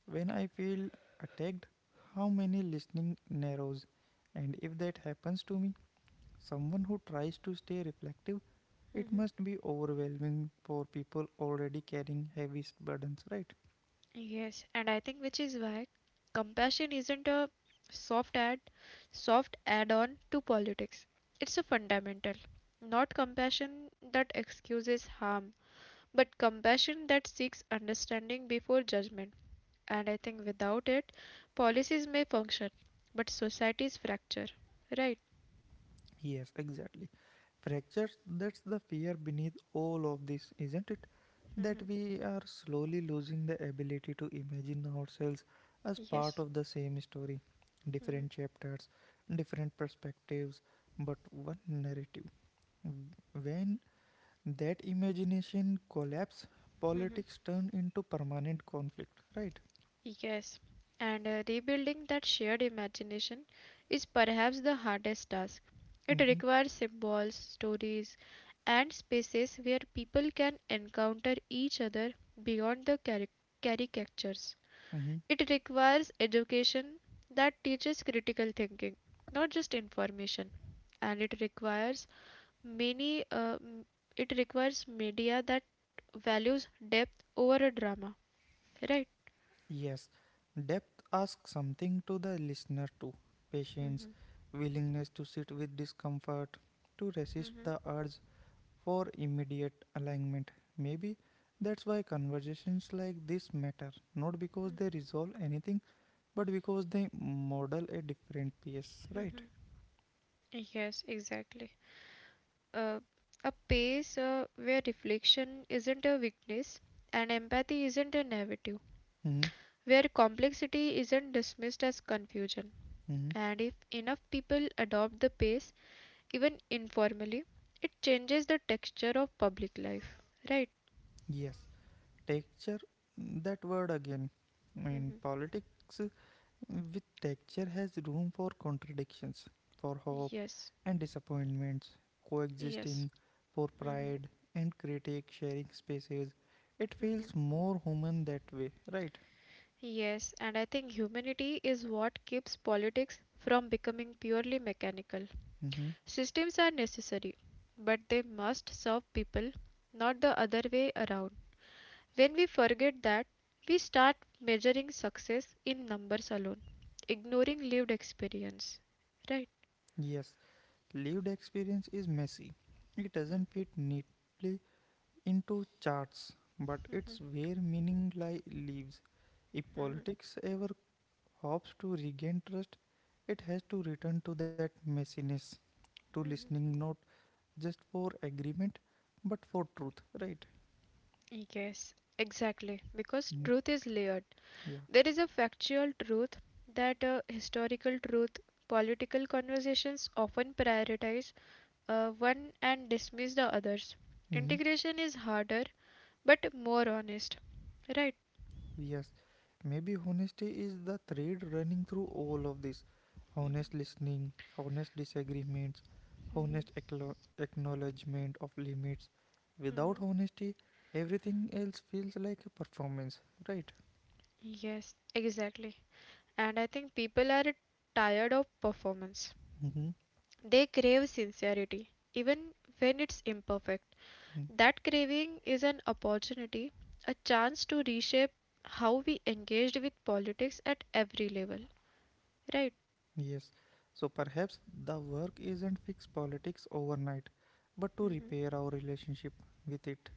[SPEAKER 1] when I feel attacked, how many listening narrows. And if that happens to me, someone who tries to stay reflective, it
[SPEAKER 2] Mhm.
[SPEAKER 1] must be overwhelming for people already carrying heavy burdens, right?
[SPEAKER 2] Yes, and I think which is why compassion isn't a soft add soft add-on to politics. It's a fundamental. Not compassion that excuses harm, but compassion that seeks understanding before judgment. And I think without it, policies may function, but societies fracture. Right?
[SPEAKER 1] Yes, exactly. Fractures, that's the fear beneath all of this, isn't it? That
[SPEAKER 2] Hmm.
[SPEAKER 1] we are slowly losing the ability to imagine ourselves as part
[SPEAKER 2] Yes.
[SPEAKER 1] of the same story, different
[SPEAKER 2] Hmm.
[SPEAKER 1] chapters, different perspectives, but one narrative. When that imagination collapses,
[SPEAKER 2] Hmm.
[SPEAKER 1] politics turn into permanent conflict, right?
[SPEAKER 2] Yes, and uh, rebuilding that shared imagination is perhaps the hardest task. It
[SPEAKER 1] Mm-hmm.
[SPEAKER 2] requires symbols, stories, and spaces where people can encounter each other beyond the caric- caricatures.
[SPEAKER 1] Mm-hmm.
[SPEAKER 2] It requires education that teaches critical thinking, not just information. And it requires many, uh, m- it requires media that values depth over a drama, right?
[SPEAKER 1] Yes, depth asks something to the listener too. Patience, willingness to sit with discomfort, to resist the urge for immediate alignment. Maybe that's why conversations like this matter, not because they resolve anything, but because they model a different piece, right?
[SPEAKER 2] Mhm. Yes, exactly. Uh, a pace uh, where reflection isn't a weakness and empathy isn't a negative,
[SPEAKER 1] Hmm.
[SPEAKER 2] where complexity isn't dismissed as confusion.
[SPEAKER 1] Hmm.
[SPEAKER 2] And if enough people adopt the pace, even informally, it changes the texture of public life, right?
[SPEAKER 1] Yes, texture, that word again. In politics, with texture has room for contradictions, for hope
[SPEAKER 2] Yes,
[SPEAKER 1] and disappointments, coexisting,
[SPEAKER 2] yes.
[SPEAKER 1] for
[SPEAKER 2] Hmm.
[SPEAKER 1] pride and critique, sharing spaces. It feels more human that way, right?
[SPEAKER 2] Yes, and I think humanity is what keeps politics from becoming purely mechanical.
[SPEAKER 1] Mhm.
[SPEAKER 2] Systems are necessary, but they must serve people, not the other way around. When we forget that, we start measuring success in numbers alone, ignoring lived experience. Right?
[SPEAKER 1] Yes, lived experience is messy. It doesn't fit neatly into charts, but it's where meaning li- lives. If politics ever hopes to regain trust, it has to return to that messiness, to listening not just for agreement, but for truth, right?
[SPEAKER 2] Yes, exactly. Because
[SPEAKER 1] Mm,
[SPEAKER 2] truth is layered.
[SPEAKER 1] yeah.
[SPEAKER 2] There is a factual truth, that uh, historical truth, political conversations often prioritize uh, one and dismiss the others.
[SPEAKER 1] Mm-hmm.
[SPEAKER 2] Integration is harder but more honest. Right?
[SPEAKER 1] Yes, maybe honesty is the thread running through all of this. Honest listening, honest disagreements, honest acklo- acknowledgement of limits. Without honesty, everything else feels like a performance, right?
[SPEAKER 2] Yes, exactly. And I think people are tired of performance.
[SPEAKER 1] Mm-hmm.
[SPEAKER 2] They crave sincerity, even when it's imperfect. That craving is an opportunity, a chance to reshape how we engaged with politics at every level. Right?
[SPEAKER 1] Yes, so perhaps the work isn't fix politics overnight, but to repair our relationship with it,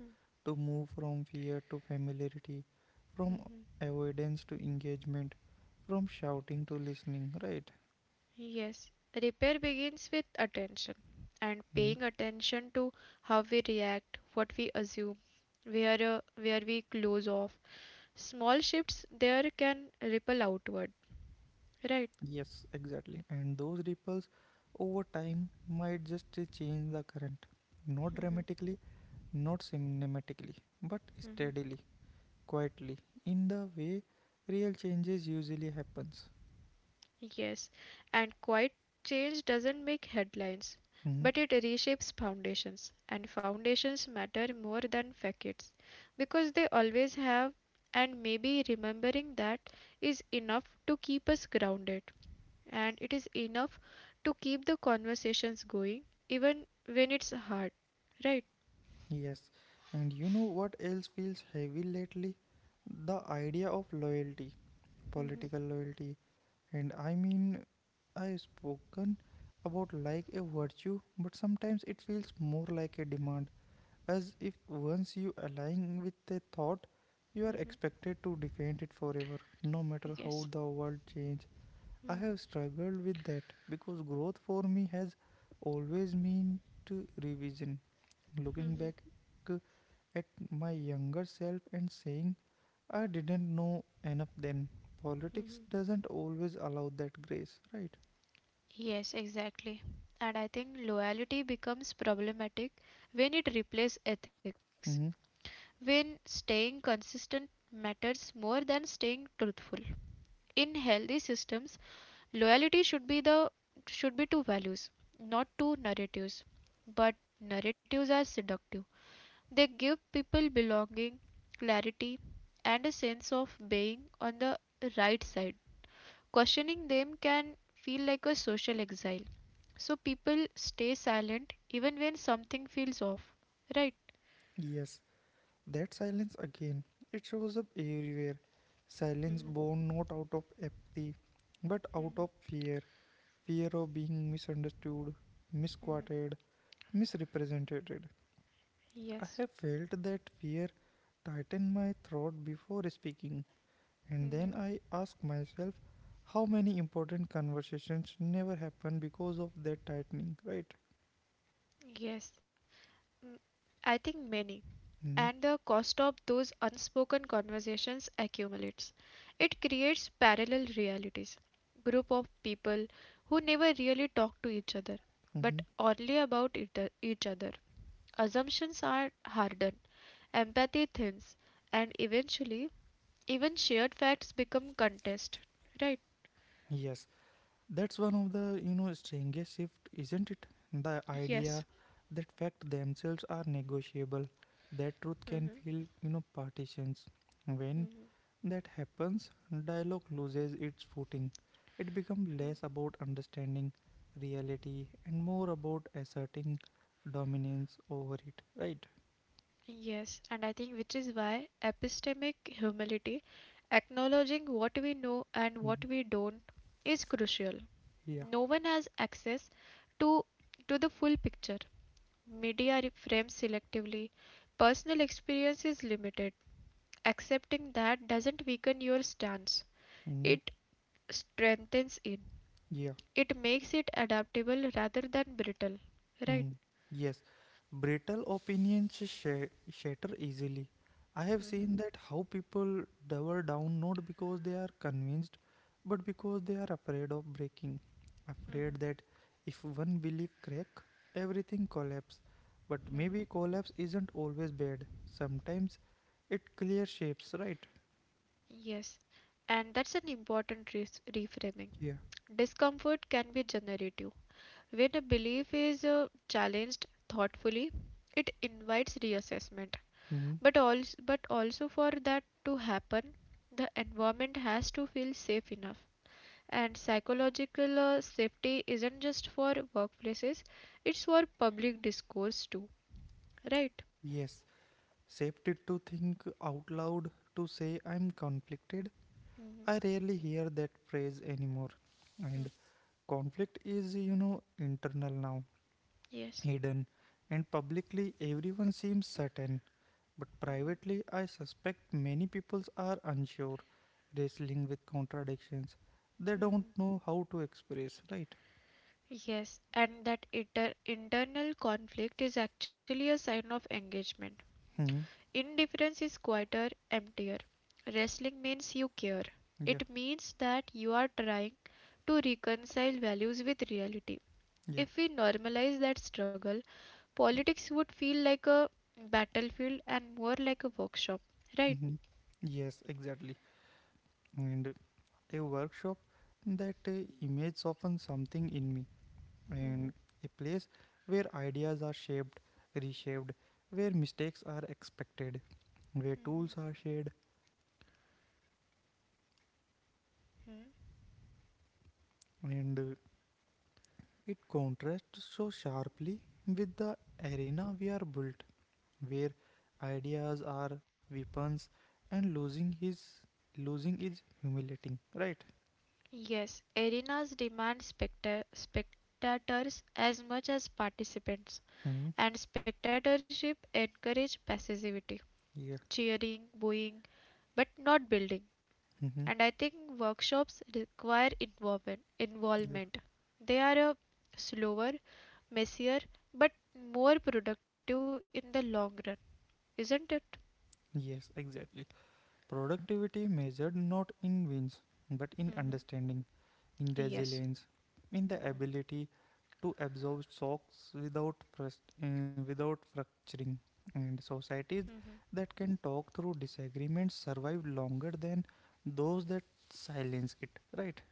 [SPEAKER 1] to move from fear to familiarity, from
[SPEAKER 2] Hmm.
[SPEAKER 1] avoidance to engagement, from shouting to listening, right?
[SPEAKER 2] Yes. Repair begins with attention, and
[SPEAKER 1] Hmm.
[SPEAKER 2] paying attention to how we react, what we assume, where, uh, where we close off. Small shifts there can ripple outward. Right,
[SPEAKER 1] Yes, exactly. And those ripples over time might just uh, change the current, not dramatically, not cinematically, but steadily, quietly, in the way real changes usually happens.
[SPEAKER 2] yes. And quiet change doesn't make headlines,
[SPEAKER 1] Hmm.
[SPEAKER 2] but it reshapes foundations. And foundations matter more than facades because they always have, and maybe remembering that is enough to keep us grounded. And it is enough to keep the conversations going, even when it's hard. Right?
[SPEAKER 1] Yes, and you know what else feels heavy lately? The idea of loyalty, political loyalty. And I mean, I've spoken about like a virtue, but sometimes it feels more like a demand, as if once you align with a thought, you are expected to defend it forever, no matter how
[SPEAKER 2] Yes.
[SPEAKER 1] the world change. I
[SPEAKER 2] Mhm.
[SPEAKER 1] have struggled with that because growth for me has always meant revision. Looking back at my younger self and saying, I didn't know enough then. Politics doesn't always allow that grace, right?
[SPEAKER 2] Yes, exactly. And I think loyalty becomes problematic when it replaces ethics,
[SPEAKER 1] Hmm.
[SPEAKER 2] when staying consistent matters more than staying truthful. In healthy systems, loyalty should be the should be to values, not to narratives. But narratives are seductive. They give people belonging, clarity, and a sense of being on the right side. Questioning them can feel like a social exile. So people stay silent even when something feels off. Right?
[SPEAKER 1] Yes, that silence again. It shows up everywhere. Silence
[SPEAKER 2] Mhm.
[SPEAKER 1] born not out of apathy, but out
[SPEAKER 2] Mhm,
[SPEAKER 1] of fear. Fear of being misunderstood,
[SPEAKER 2] mhm.
[SPEAKER 1] misquoted, misrepresented. I
[SPEAKER 2] Yes.
[SPEAKER 1] have felt that fear tighten my throat before speaking. And then
[SPEAKER 2] Mm-hmm.
[SPEAKER 1] I ask myself how many important conversations never happen because of that tightening, right?
[SPEAKER 2] Yes, I think many. And
[SPEAKER 1] Hmm.
[SPEAKER 2] the cost of those unspoken conversations accumulates. It creates parallel realities. Group of people who never really talk to each other,
[SPEAKER 1] Hmm.
[SPEAKER 2] but oddly about it, uh, each other. Assumptions are hardened, empathy thins, and eventually, even shared facts become contest. Right?
[SPEAKER 1] Yes, that's one of the you know strangest shift, isn't it? The
[SPEAKER 2] Yes.
[SPEAKER 1] idea that facts themselves are negotiable, that truth
[SPEAKER 2] Hmm.
[SPEAKER 1] can feel you know partitions. When that happens, dialogue loses its footing. It becomes less about understanding reality and more about asserting dominance over it, right?
[SPEAKER 2] Yes, and I think which is why epistemic humility, acknowledging what we know and what
[SPEAKER 1] Mm,
[SPEAKER 2] we don't, is crucial.
[SPEAKER 1] yeah.
[SPEAKER 2] No one has access to to the full picture. Media re- frames selectively. Personal experience is limited. Accepting that doesn't weaken your stance.
[SPEAKER 1] Mm,
[SPEAKER 2] It strengthens it.
[SPEAKER 1] yeah.
[SPEAKER 2] It makes it adaptable rather than brittle. Right?
[SPEAKER 1] Mm, yes. Brittle opinions sh- shatter easily. I have seen that how people double down not because they are convinced, but because they are afraid of breaking. Afraid that if one belief crack, everything collapse. But maybe collapse isn't always bad. Sometimes it clear shapes, right?
[SPEAKER 2] Yes. And that's an important res- reframing.
[SPEAKER 1] Yeah.
[SPEAKER 2] Discomfort can be generative. When a belief is uh, challenged thoughtfully, it invites reassessment.
[SPEAKER 1] Mm,
[SPEAKER 2] But also, but also for that to happen, the environment has to feel safe enough. And psychological uh, safety isn't just for workplaces, it's for public discourse too, right?
[SPEAKER 1] yes. Safety to think out loud, to say I'm conflicted. I rarely hear that phrase anymore. And conflict is, you know, internal now,
[SPEAKER 2] Yes.
[SPEAKER 1] hidden. And publicly, everyone seems certain. But privately, I suspect many people are unsure, wrestling with contradictions. They don't
[SPEAKER 2] Mhm.
[SPEAKER 1] know how to express, right?
[SPEAKER 2] Yes, and that inter- internal conflict is actually a sign of engagement.
[SPEAKER 1] Hmm.
[SPEAKER 2] Indifference is quieter, emptier. Wrestling means you care.
[SPEAKER 1] Yeah,
[SPEAKER 2] It means that you are trying to reconcile values with reality.
[SPEAKER 1] yeah.
[SPEAKER 2] If we normalize that struggle, politics would feel like a battlefield and more like a workshop, right?
[SPEAKER 1] Hmm. Yes, exactly. And a workshop that uh, image often something in me, and
[SPEAKER 2] Mhm.
[SPEAKER 1] a place where ideas are shaped, reshaped, where mistakes are expected, where tools are shared,
[SPEAKER 2] Mhm.
[SPEAKER 1] and uh, it contrasts so sharply with the arena we are built, where ideas are weapons and losing his losing is humiliating, right?
[SPEAKER 2] Yes, arenas demand specta- spectators as much as participants,
[SPEAKER 1] Hmm.
[SPEAKER 2] and spectatorship encourages passivity,
[SPEAKER 1] Yeah.
[SPEAKER 2] cheering, booing, but not building.
[SPEAKER 1] Hmm.
[SPEAKER 2] And I think workshops require involve-
[SPEAKER 1] Yeah.
[SPEAKER 2] involvement. They are a slower, messier, but more productive in the long run, isn't it?
[SPEAKER 1] Yes, exactly. Productivity measured not in wins but in
[SPEAKER 2] Hmm.
[SPEAKER 1] understanding, in
[SPEAKER 2] Yes.
[SPEAKER 1] resilience, in the
[SPEAKER 2] Hmm.
[SPEAKER 1] ability to absorb shocks without frust- uh, without fracturing, and societies that can talk through disagreements survive longer than those that silence it. Right?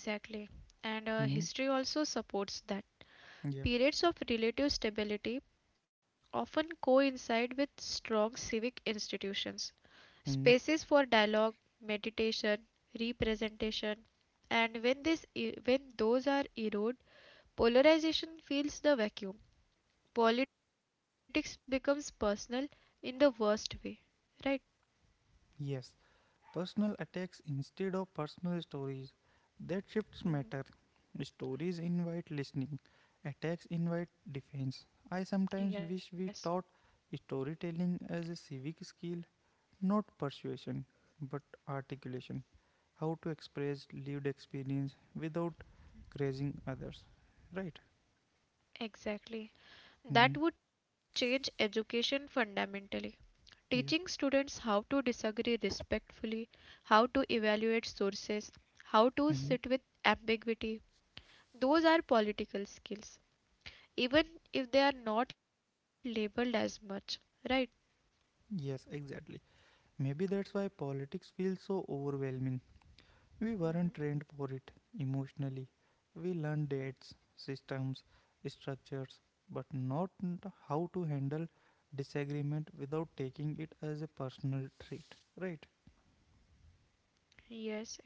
[SPEAKER 2] Exactly. And
[SPEAKER 1] Hmm.
[SPEAKER 2] uh, history also supports that.
[SPEAKER 1] Yeah.
[SPEAKER 2] Periods of relative stability often coincide with strong civic institutions,
[SPEAKER 1] Hmm.
[SPEAKER 2] spaces for dialogue, meditation, representation, and when this e- when those are eroded, polarization fills the vacuum. Politics becomes personal in the worst way, right?
[SPEAKER 1] Yes. Personal attacks instead of personal stories. That shifts
[SPEAKER 2] Hmm.
[SPEAKER 1] matter. Stories invite listening. Attacks invite defense. I sometimes
[SPEAKER 2] Yes,
[SPEAKER 1] wish we taught storytelling as a civic skill. Not persuasion, but articulation. How to express lived experience without grazing others. Right?
[SPEAKER 2] exactly.
[SPEAKER 1] Hmm.
[SPEAKER 2] That would change education fundamentally. Teaching
[SPEAKER 1] Yeah.
[SPEAKER 2] students how to disagree respectfully, how to evaluate sources, how to sit
[SPEAKER 1] Hmm.
[SPEAKER 2] with ambiguity, those are political skills, even if they are not labeled as much, right?
[SPEAKER 1] Yes, exactly. Maybe that's why politics feels so overwhelming. We
[SPEAKER 2] Hmm.
[SPEAKER 1] weren't trained for it emotionally. We learned dates, systems, structures, but not n- how to handle disagreement without taking it as a personal trait. Right?
[SPEAKER 2] Yes, exactly.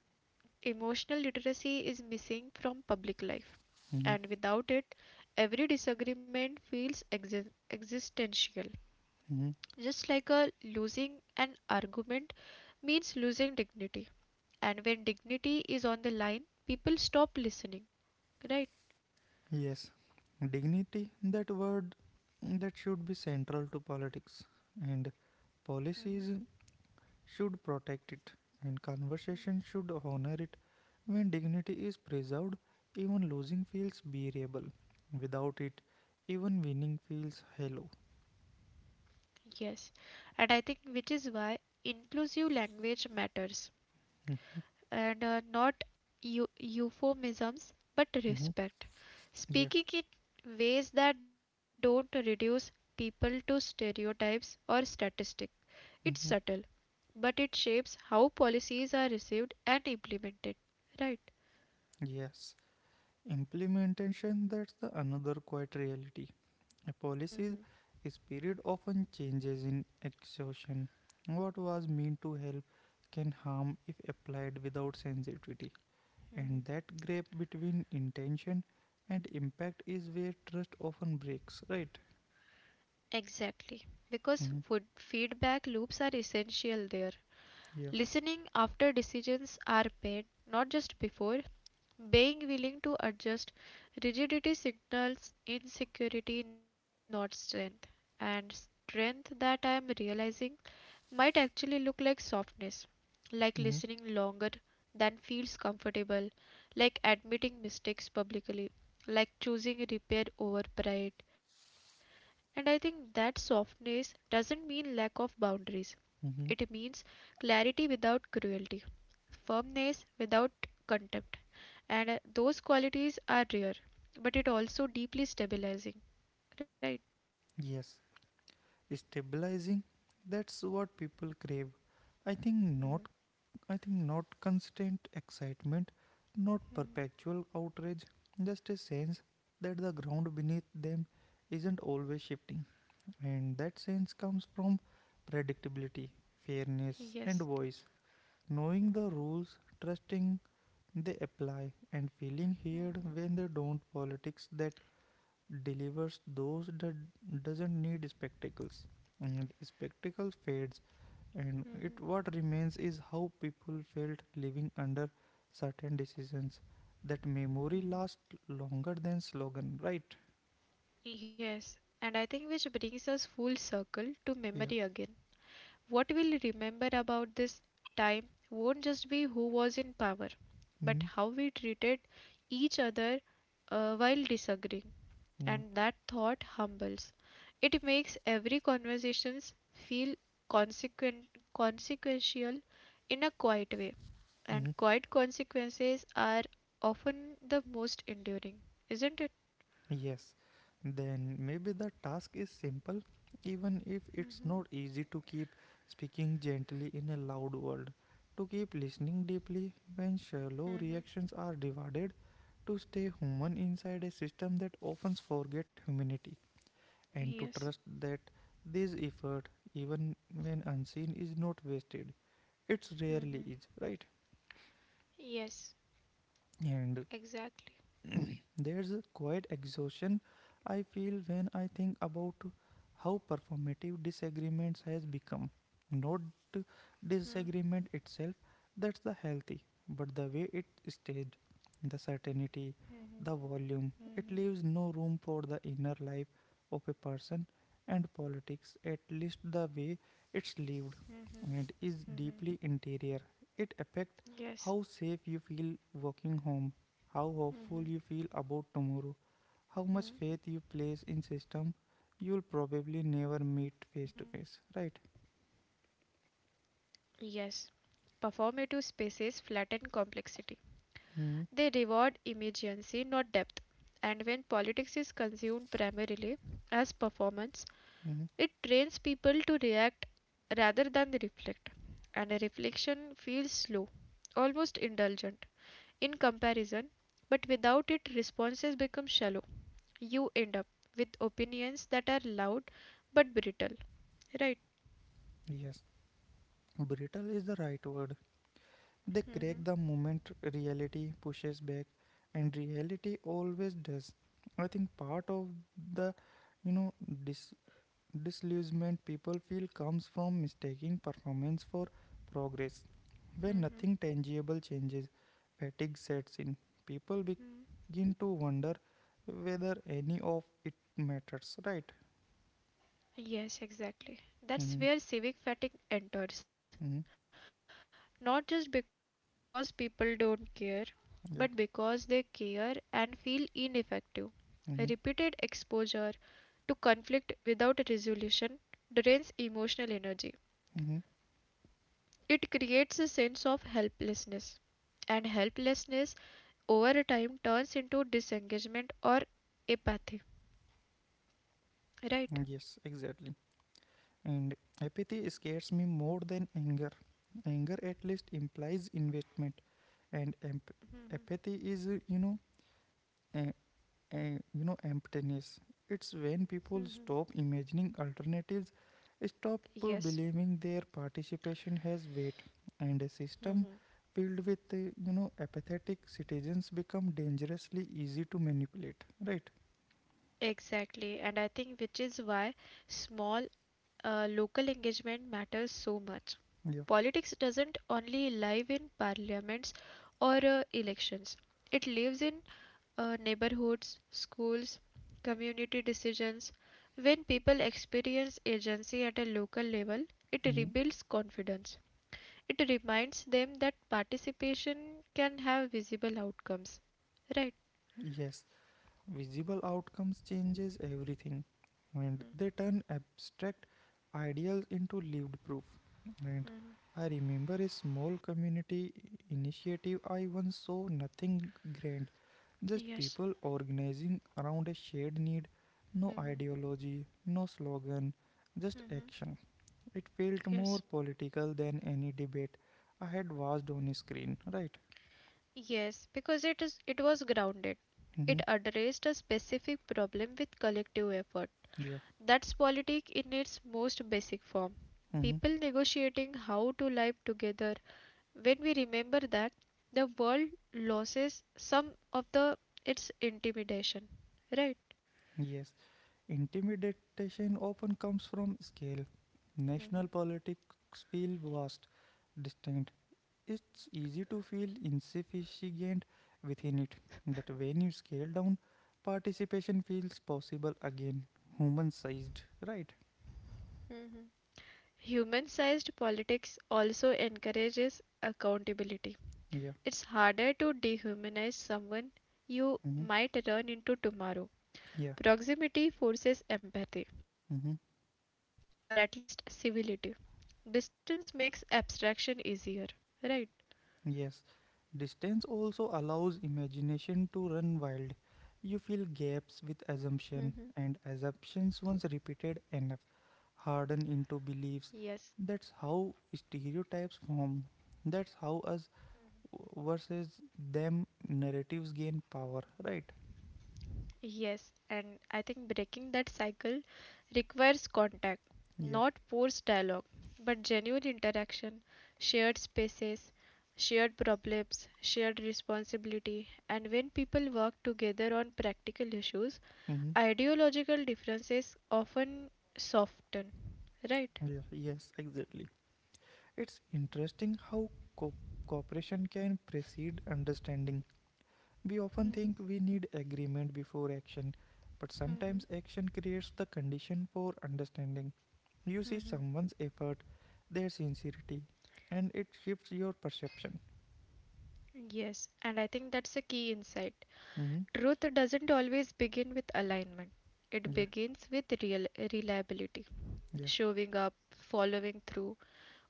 [SPEAKER 2] Emotional literacy is missing from public life, and
[SPEAKER 1] Hmm.
[SPEAKER 2] without it, every disagreement feels exi- existential. Just like a losing an argument means losing dignity, and when dignity is on the line, people stop listening, right?
[SPEAKER 1] Yes, dignity, that word, mm, that should be central to politics, and policies should protect it, and conversation should honor it. When dignity is preserved, even losing feels bearable. Without it, even winning feels hollow.
[SPEAKER 2] Yes, and I think which is why inclusive language matters, and uh, not eu- euphemisms but
[SPEAKER 1] Hmm.
[SPEAKER 2] respect.
[SPEAKER 1] Yeah.
[SPEAKER 2] Speaking in ways that don't reduce people to stereotypes or statistics. It's subtle,
[SPEAKER 1] Hmm.
[SPEAKER 2] but it shapes how policies are received and implemented. Right?
[SPEAKER 1] Yes. Implementation, that's the another quiet reality. A policy's
[SPEAKER 2] Hmm.
[SPEAKER 1] spirit often changes in exhaustion. What was meant to help can harm if applied without sensitivity.
[SPEAKER 2] Hmm.
[SPEAKER 1] And that gap between intention and impact is where trust often breaks, right?
[SPEAKER 2] Exactly. Because food
[SPEAKER 1] Hmm.
[SPEAKER 2] feedback loops are essential there.
[SPEAKER 1] Yeah.
[SPEAKER 2] Listening after decisions are made, not just before, being willing to adjust. Rigidity signals insecurity, not strength, and strength that I am realizing might actually look like softness, like
[SPEAKER 1] Hmm.
[SPEAKER 2] listening longer than feels comfortable, like admitting mistakes publicly, like choosing repair over pride. And I think that softness doesn't mean lack of boundaries. It
[SPEAKER 1] Hmm.
[SPEAKER 2] means clarity without cruelty, firmness without contempt. And uh, those qualities are rare, but it also deeply stabilizing, right?
[SPEAKER 1] Yes. Stabilizing, that's what people crave. I think
[SPEAKER 2] Mhm.
[SPEAKER 1] not I think not constant excitement, not perpetual outrage, just a sense that the ground beneath them isn't always shifting. And that sense comes from predictability, fairness,
[SPEAKER 2] Yes,
[SPEAKER 1] and voice. Knowing the rules, trusting they apply, and feeling heard when they don't. Politics that delivers those that doesn't need spectacles. And spectacles fades and it what remains is how people felt living under certain decisions that memory lasts longer than slogan, right?
[SPEAKER 2] yes. And I think which brings us full circle to
[SPEAKER 1] Yeah.
[SPEAKER 2] memory again. What we'll remember about this time won't just be who was in power, but
[SPEAKER 1] mm
[SPEAKER 2] how we treated each other uh, while disagreeing.
[SPEAKER 1] mm
[SPEAKER 2] And that thought humbles. It makes every conversations feel consequent, consequential in a quiet way, and
[SPEAKER 1] mm.
[SPEAKER 2] quiet consequences are often the most enduring, isn't it?
[SPEAKER 1] Yes, then maybe the task is simple even if it's not easy to keep speaking gently in a loud world, to keep listening deeply when shallow
[SPEAKER 2] Hmm.
[SPEAKER 1] reactions are divided, to stay human inside a system that often forget humanity, and to trust
[SPEAKER 2] Yes.
[SPEAKER 1] that this effort, even when unseen, is not wasted. It rarely is, right?
[SPEAKER 2] Yes,
[SPEAKER 1] And
[SPEAKER 2] exactly.
[SPEAKER 1] There's a quiet exhaustion I feel when I think about how performative disagreements has become. Not
[SPEAKER 2] Hmm.
[SPEAKER 1] disagreement itself, that's the healthy, but the way it staged, the certainty, the volume, it leaves no room for the inner life of a person and politics, at least the way it's lived and is deeply interior. It affects
[SPEAKER 2] Yes.
[SPEAKER 1] how safe you feel walking home, how hopeful you feel about tomorrow, how much faith you place in system you'll probably never meet face to face, right?
[SPEAKER 2] Yes. Performative spaces flatten complexity. They reward
[SPEAKER 1] hmm
[SPEAKER 2] immediacy, not depth. And when politics is consumed primarily as performance, it
[SPEAKER 1] hmm
[SPEAKER 2] trains people to react rather than reflect, and a reflection feels slow, almost indulgent in comparison, but without it, responses become shallow. You end up with opinions that are loud but brittle, right?
[SPEAKER 1] Yes, brittle is the right word. They crack
[SPEAKER 2] Mhm.
[SPEAKER 1] the moment reality pushes back, and reality always does. I think part of the you know this disillusionment people feel comes from mistaking performance for progress. When nothing tangible changes, fatigue sets in. People
[SPEAKER 2] Mm.
[SPEAKER 1] begin to wonder whether any of it matters, right?
[SPEAKER 2] Yes, exactly. That's
[SPEAKER 1] Mm-hmm.
[SPEAKER 2] where civic fatigue enters.
[SPEAKER 1] Mm-hmm.
[SPEAKER 2] Not just because people don't care, but because they care
[SPEAKER 1] Yeah.
[SPEAKER 2] and feel ineffective. Repeated exposure,
[SPEAKER 1] Mm-hmm.
[SPEAKER 2] to conflict without a resolution, drains emotional energy.
[SPEAKER 1] Mm-hmm.
[SPEAKER 2] It creates a sense of helplessness, and helplessness over time turns into disengagement or apathy. Right?
[SPEAKER 1] Yes, exactly. And Apathy scares me more than anger. Anger at least implies investment, and emp- apathy is, uh, you know, uh, uh, you know emptiness. It's when
[SPEAKER 2] Mm-hmm.
[SPEAKER 1] people stop imagining alternatives, stop
[SPEAKER 2] Yes,
[SPEAKER 1] uh, believing their participation has weight, and a system filled with uh, you know apathetic citizens become dangerously easy to manipulate, right?
[SPEAKER 2] exactly. And I think which is why small uh, local engagement matters so much.
[SPEAKER 1] Yeah.
[SPEAKER 2] Politics doesn't only live in parliaments or uh, elections. It lives in uh, neighborhoods, schools, community decisions. When people experience agency at a local level, it
[SPEAKER 1] Mm.
[SPEAKER 2] rebuilds confidence. It reminds them that participation can have visible outcomes. Right?
[SPEAKER 1] Yes. Visible outcomes changes everything and
[SPEAKER 2] Mm,
[SPEAKER 1] they turn abstract ideals into lived proof. And I remember a small community initiative I once saw, nothing grand, just
[SPEAKER 2] yes,
[SPEAKER 1] people organizing around a shared need, no ideology, no slogan, just action. It felt more
[SPEAKER 2] yes.
[SPEAKER 1] political than any debate I had watched on a screen, right?
[SPEAKER 2] Yes, because it is it was grounded.
[SPEAKER 1] hmm
[SPEAKER 2] It addressed a specific problem with collective effort.
[SPEAKER 1] Yeah.
[SPEAKER 2] That's politic in its most basic form.
[SPEAKER 1] hmm
[SPEAKER 2] People negotiating how to live together. When we remember that, the world loses some of the its intimidation, right?
[SPEAKER 1] Yes. Intimidation often comes from scale. National politics feel vast, distinct. It's easy to feel insufficient within it, but when you scale down, participation feels possible again, human sized, right?
[SPEAKER 2] Mhm. Human sized politics also encourages accountability.
[SPEAKER 1] Yeah.
[SPEAKER 2] It's harder to dehumanize someone you
[SPEAKER 1] hmm
[SPEAKER 2] might run into tomorrow.
[SPEAKER 1] Yeah.
[SPEAKER 2] Proximity forces
[SPEAKER 1] hmm
[SPEAKER 2] empathy, or at least civility. Distance makes abstraction easier, right?
[SPEAKER 1] Yes, distance also allows imagination to run wild. You fill gaps with assumption,
[SPEAKER 2] Mhm.
[SPEAKER 1] and assumptions, once repeated enough, harden into beliefs.
[SPEAKER 2] Yes.
[SPEAKER 1] That's how stereotypes form. That's how us versus them narratives gain power, right?
[SPEAKER 2] Yes, and I think breaking that cycle requires contact,
[SPEAKER 1] Yeah.
[SPEAKER 2] not forced dialogue, but genuine interaction, shared spaces, shared problems, shared responsibility. And when people work together on practical issues,
[SPEAKER 1] Mm-hmm.
[SPEAKER 2] ideological differences often soften, right?
[SPEAKER 1] Yeah. Yes, exactly. It's interesting how co- cooperation can precede understanding. We often think we need agreement before action, but sometimes action creates the condition for understanding. You see
[SPEAKER 2] Hmm.
[SPEAKER 1] someone's effort, their sincerity, and it shifts your perception.
[SPEAKER 2] Yes, and I think that's a key insight.
[SPEAKER 1] hmm
[SPEAKER 2] Truth doesn't always begin with alignment, it
[SPEAKER 1] Yeah,
[SPEAKER 2] begins with real reliability.
[SPEAKER 1] yeah,
[SPEAKER 2] Showing up, following through.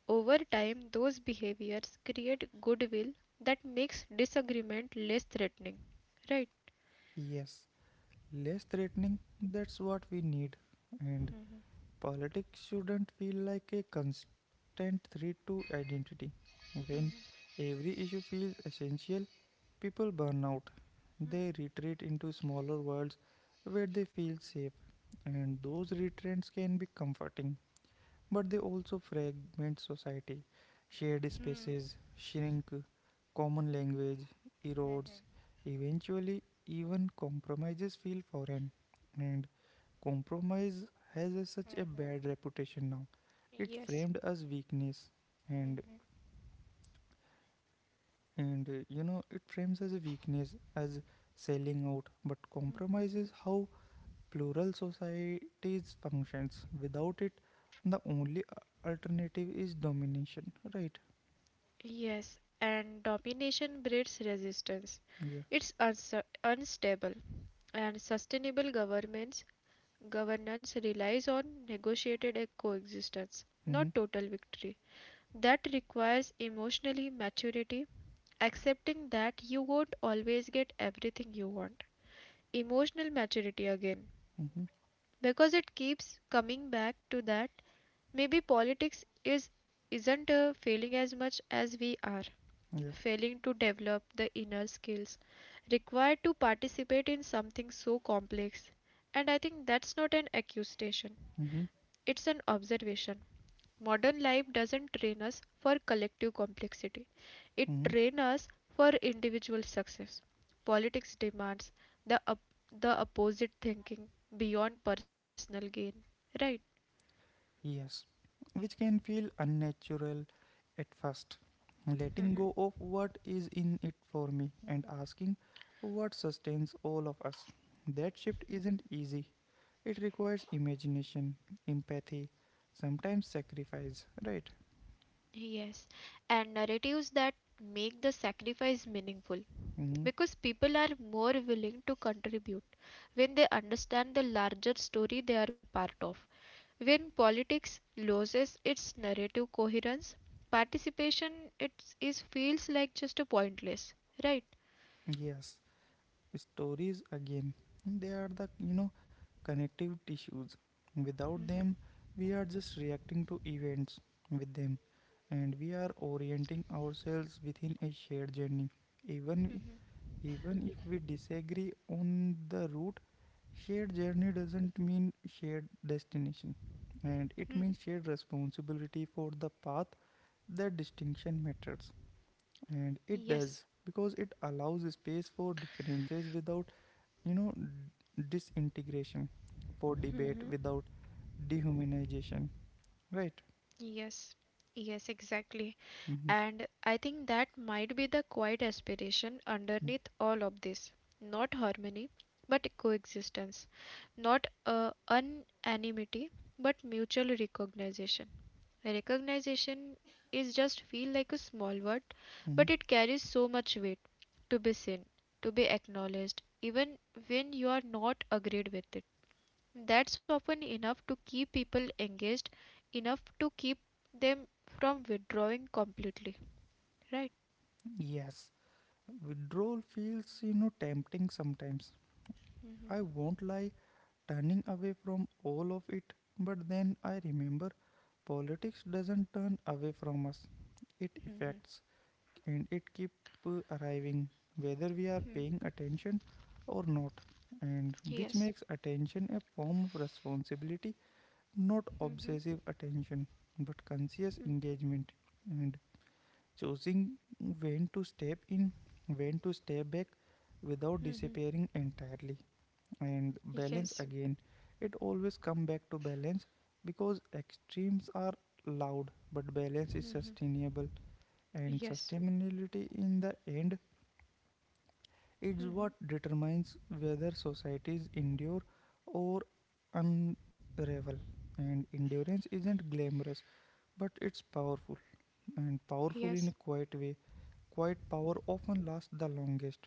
[SPEAKER 2] Over time, those behaviors create goodwill that makes disagreement less threatening. Right?
[SPEAKER 1] yes. Less threatening, that's what we need. And Politics shouldn't feel like a constant threat to identity. When every issue feels essential, people burn out. They retreat into smaller worlds where they feel safe, and those retreats can be comforting, but they also fragment society. Shared spaces shrink, common language erodes, eventually, even compromises feel foreign, and compromise has a, such a bad reputation now. It's
[SPEAKER 2] Yes.
[SPEAKER 1] framed as weakness, and and uh, you know it frames as a weakness as selling out. But compromise is how plural societies functions. Without it, the only a- alternative is domination. Right?
[SPEAKER 2] Yes, and domination breeds resistance.
[SPEAKER 1] Yeah.
[SPEAKER 2] It's unsu- unstable, and sustainable governments governance relies on negotiated e- coexistence,
[SPEAKER 1] Mm-hmm.
[SPEAKER 2] not total victory. That requires emotionally maturity, accepting that you won't always get everything you want, emotional maturity again,
[SPEAKER 1] Mm-hmm.
[SPEAKER 2] because it keeps coming back to that. Maybe politics is isn't uh, failing as much as we are
[SPEAKER 1] Yeah.
[SPEAKER 2] failing to develop the inner skills required to participate in something so complex, and I think that's not an accusation,
[SPEAKER 1] Mm-hmm.
[SPEAKER 2] it's an observation. Modern life doesn't train us for collective complexity, it
[SPEAKER 1] Mm-hmm.
[SPEAKER 2] trains us for individual success. Politics demands the, op- the opposite, thinking beyond personal gain, right?
[SPEAKER 1] Yes, which can feel unnatural at first. Letting go of what is in it for me and asking what sustains all of us. That shift isn't easy. It requires imagination, empathy, sometimes sacrifice, right?
[SPEAKER 2] Yes, and narratives that make the sacrifice meaningful,
[SPEAKER 1] Mhm.
[SPEAKER 2] because people are more willing to contribute when they understand the larger story they are part of. When politics loses its narrative coherence, participation it is feels like just a pointless, right?
[SPEAKER 1] Yes, stories again. They are the, you know, connective tissues. Without
[SPEAKER 2] Mhm.
[SPEAKER 1] them, we are just reacting to events. With them, and we are orienting ourselves within a shared journey. Even Even if we disagree on the route, shared journey doesn't mean shared destination, and it
[SPEAKER 2] Mhm.
[SPEAKER 1] means shared responsibility for the path. That distinction matters, and it does
[SPEAKER 2] Yes.
[SPEAKER 1] because it allows space for differences without you know disintegration, for debate
[SPEAKER 2] Mhm.
[SPEAKER 1] without dehumanization. Right.
[SPEAKER 2] Yes. Yes, exactly.
[SPEAKER 1] Mm-hmm.
[SPEAKER 2] And I think that might be the quiet aspiration
[SPEAKER 1] Mm-hmm.
[SPEAKER 2] underneath all of this. Not harmony, but coexistence. Not uh, unanimity, but mutual recognition. Recognition is just feel like a small word,
[SPEAKER 1] Mm-hmm.
[SPEAKER 2] but it carries so much weight, to be seen, to be acknowledged, even when you are not agreed with it. That's often enough to keep people engaged, enough to keep them from withdrawing completely. Right?
[SPEAKER 1] Yes. Withdrawal feels, you know, tempting sometimes. I won't lie, turning away from all of it, but then I remember politics doesn't turn away from us. It
[SPEAKER 2] Mm-hmm.
[SPEAKER 1] affects and it keep uh, arriving whether we are paying attention or not, and which
[SPEAKER 2] Yes.
[SPEAKER 1] makes attention a form of responsibility, not
[SPEAKER 2] Mm-hmm.
[SPEAKER 1] obsessive attention but conscious engagement, and choosing when to step in, when to step back without
[SPEAKER 2] Mm-hmm.
[SPEAKER 1] disappearing entirely, and balance
[SPEAKER 2] Yes.
[SPEAKER 1] again. It always come back to balance because extremes are loud, but balance is sustainable, and
[SPEAKER 2] Yes.
[SPEAKER 1] sustainability in the end is what
[SPEAKER 2] Mm-hmm.
[SPEAKER 1] determines whether societies endure or unravel. And endurance isn't glamorous, but it's powerful, and powerful in
[SPEAKER 2] Yes.
[SPEAKER 1] a quiet way. Quiet power often lasts the longest.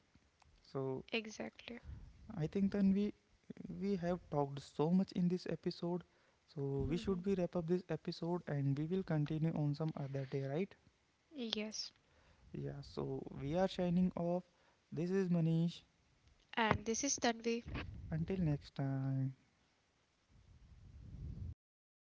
[SPEAKER 1] So
[SPEAKER 2] Exactly.
[SPEAKER 1] I think then we we have talked so much in this episode. So we should
[SPEAKER 2] Mm-hmm.
[SPEAKER 1] be wrap up this episode and we will continue on some other day, right?
[SPEAKER 2] Yes.
[SPEAKER 1] Yeah. So we are signing off. This is Manish.
[SPEAKER 2] And this is Tanvi.
[SPEAKER 1] Until next time.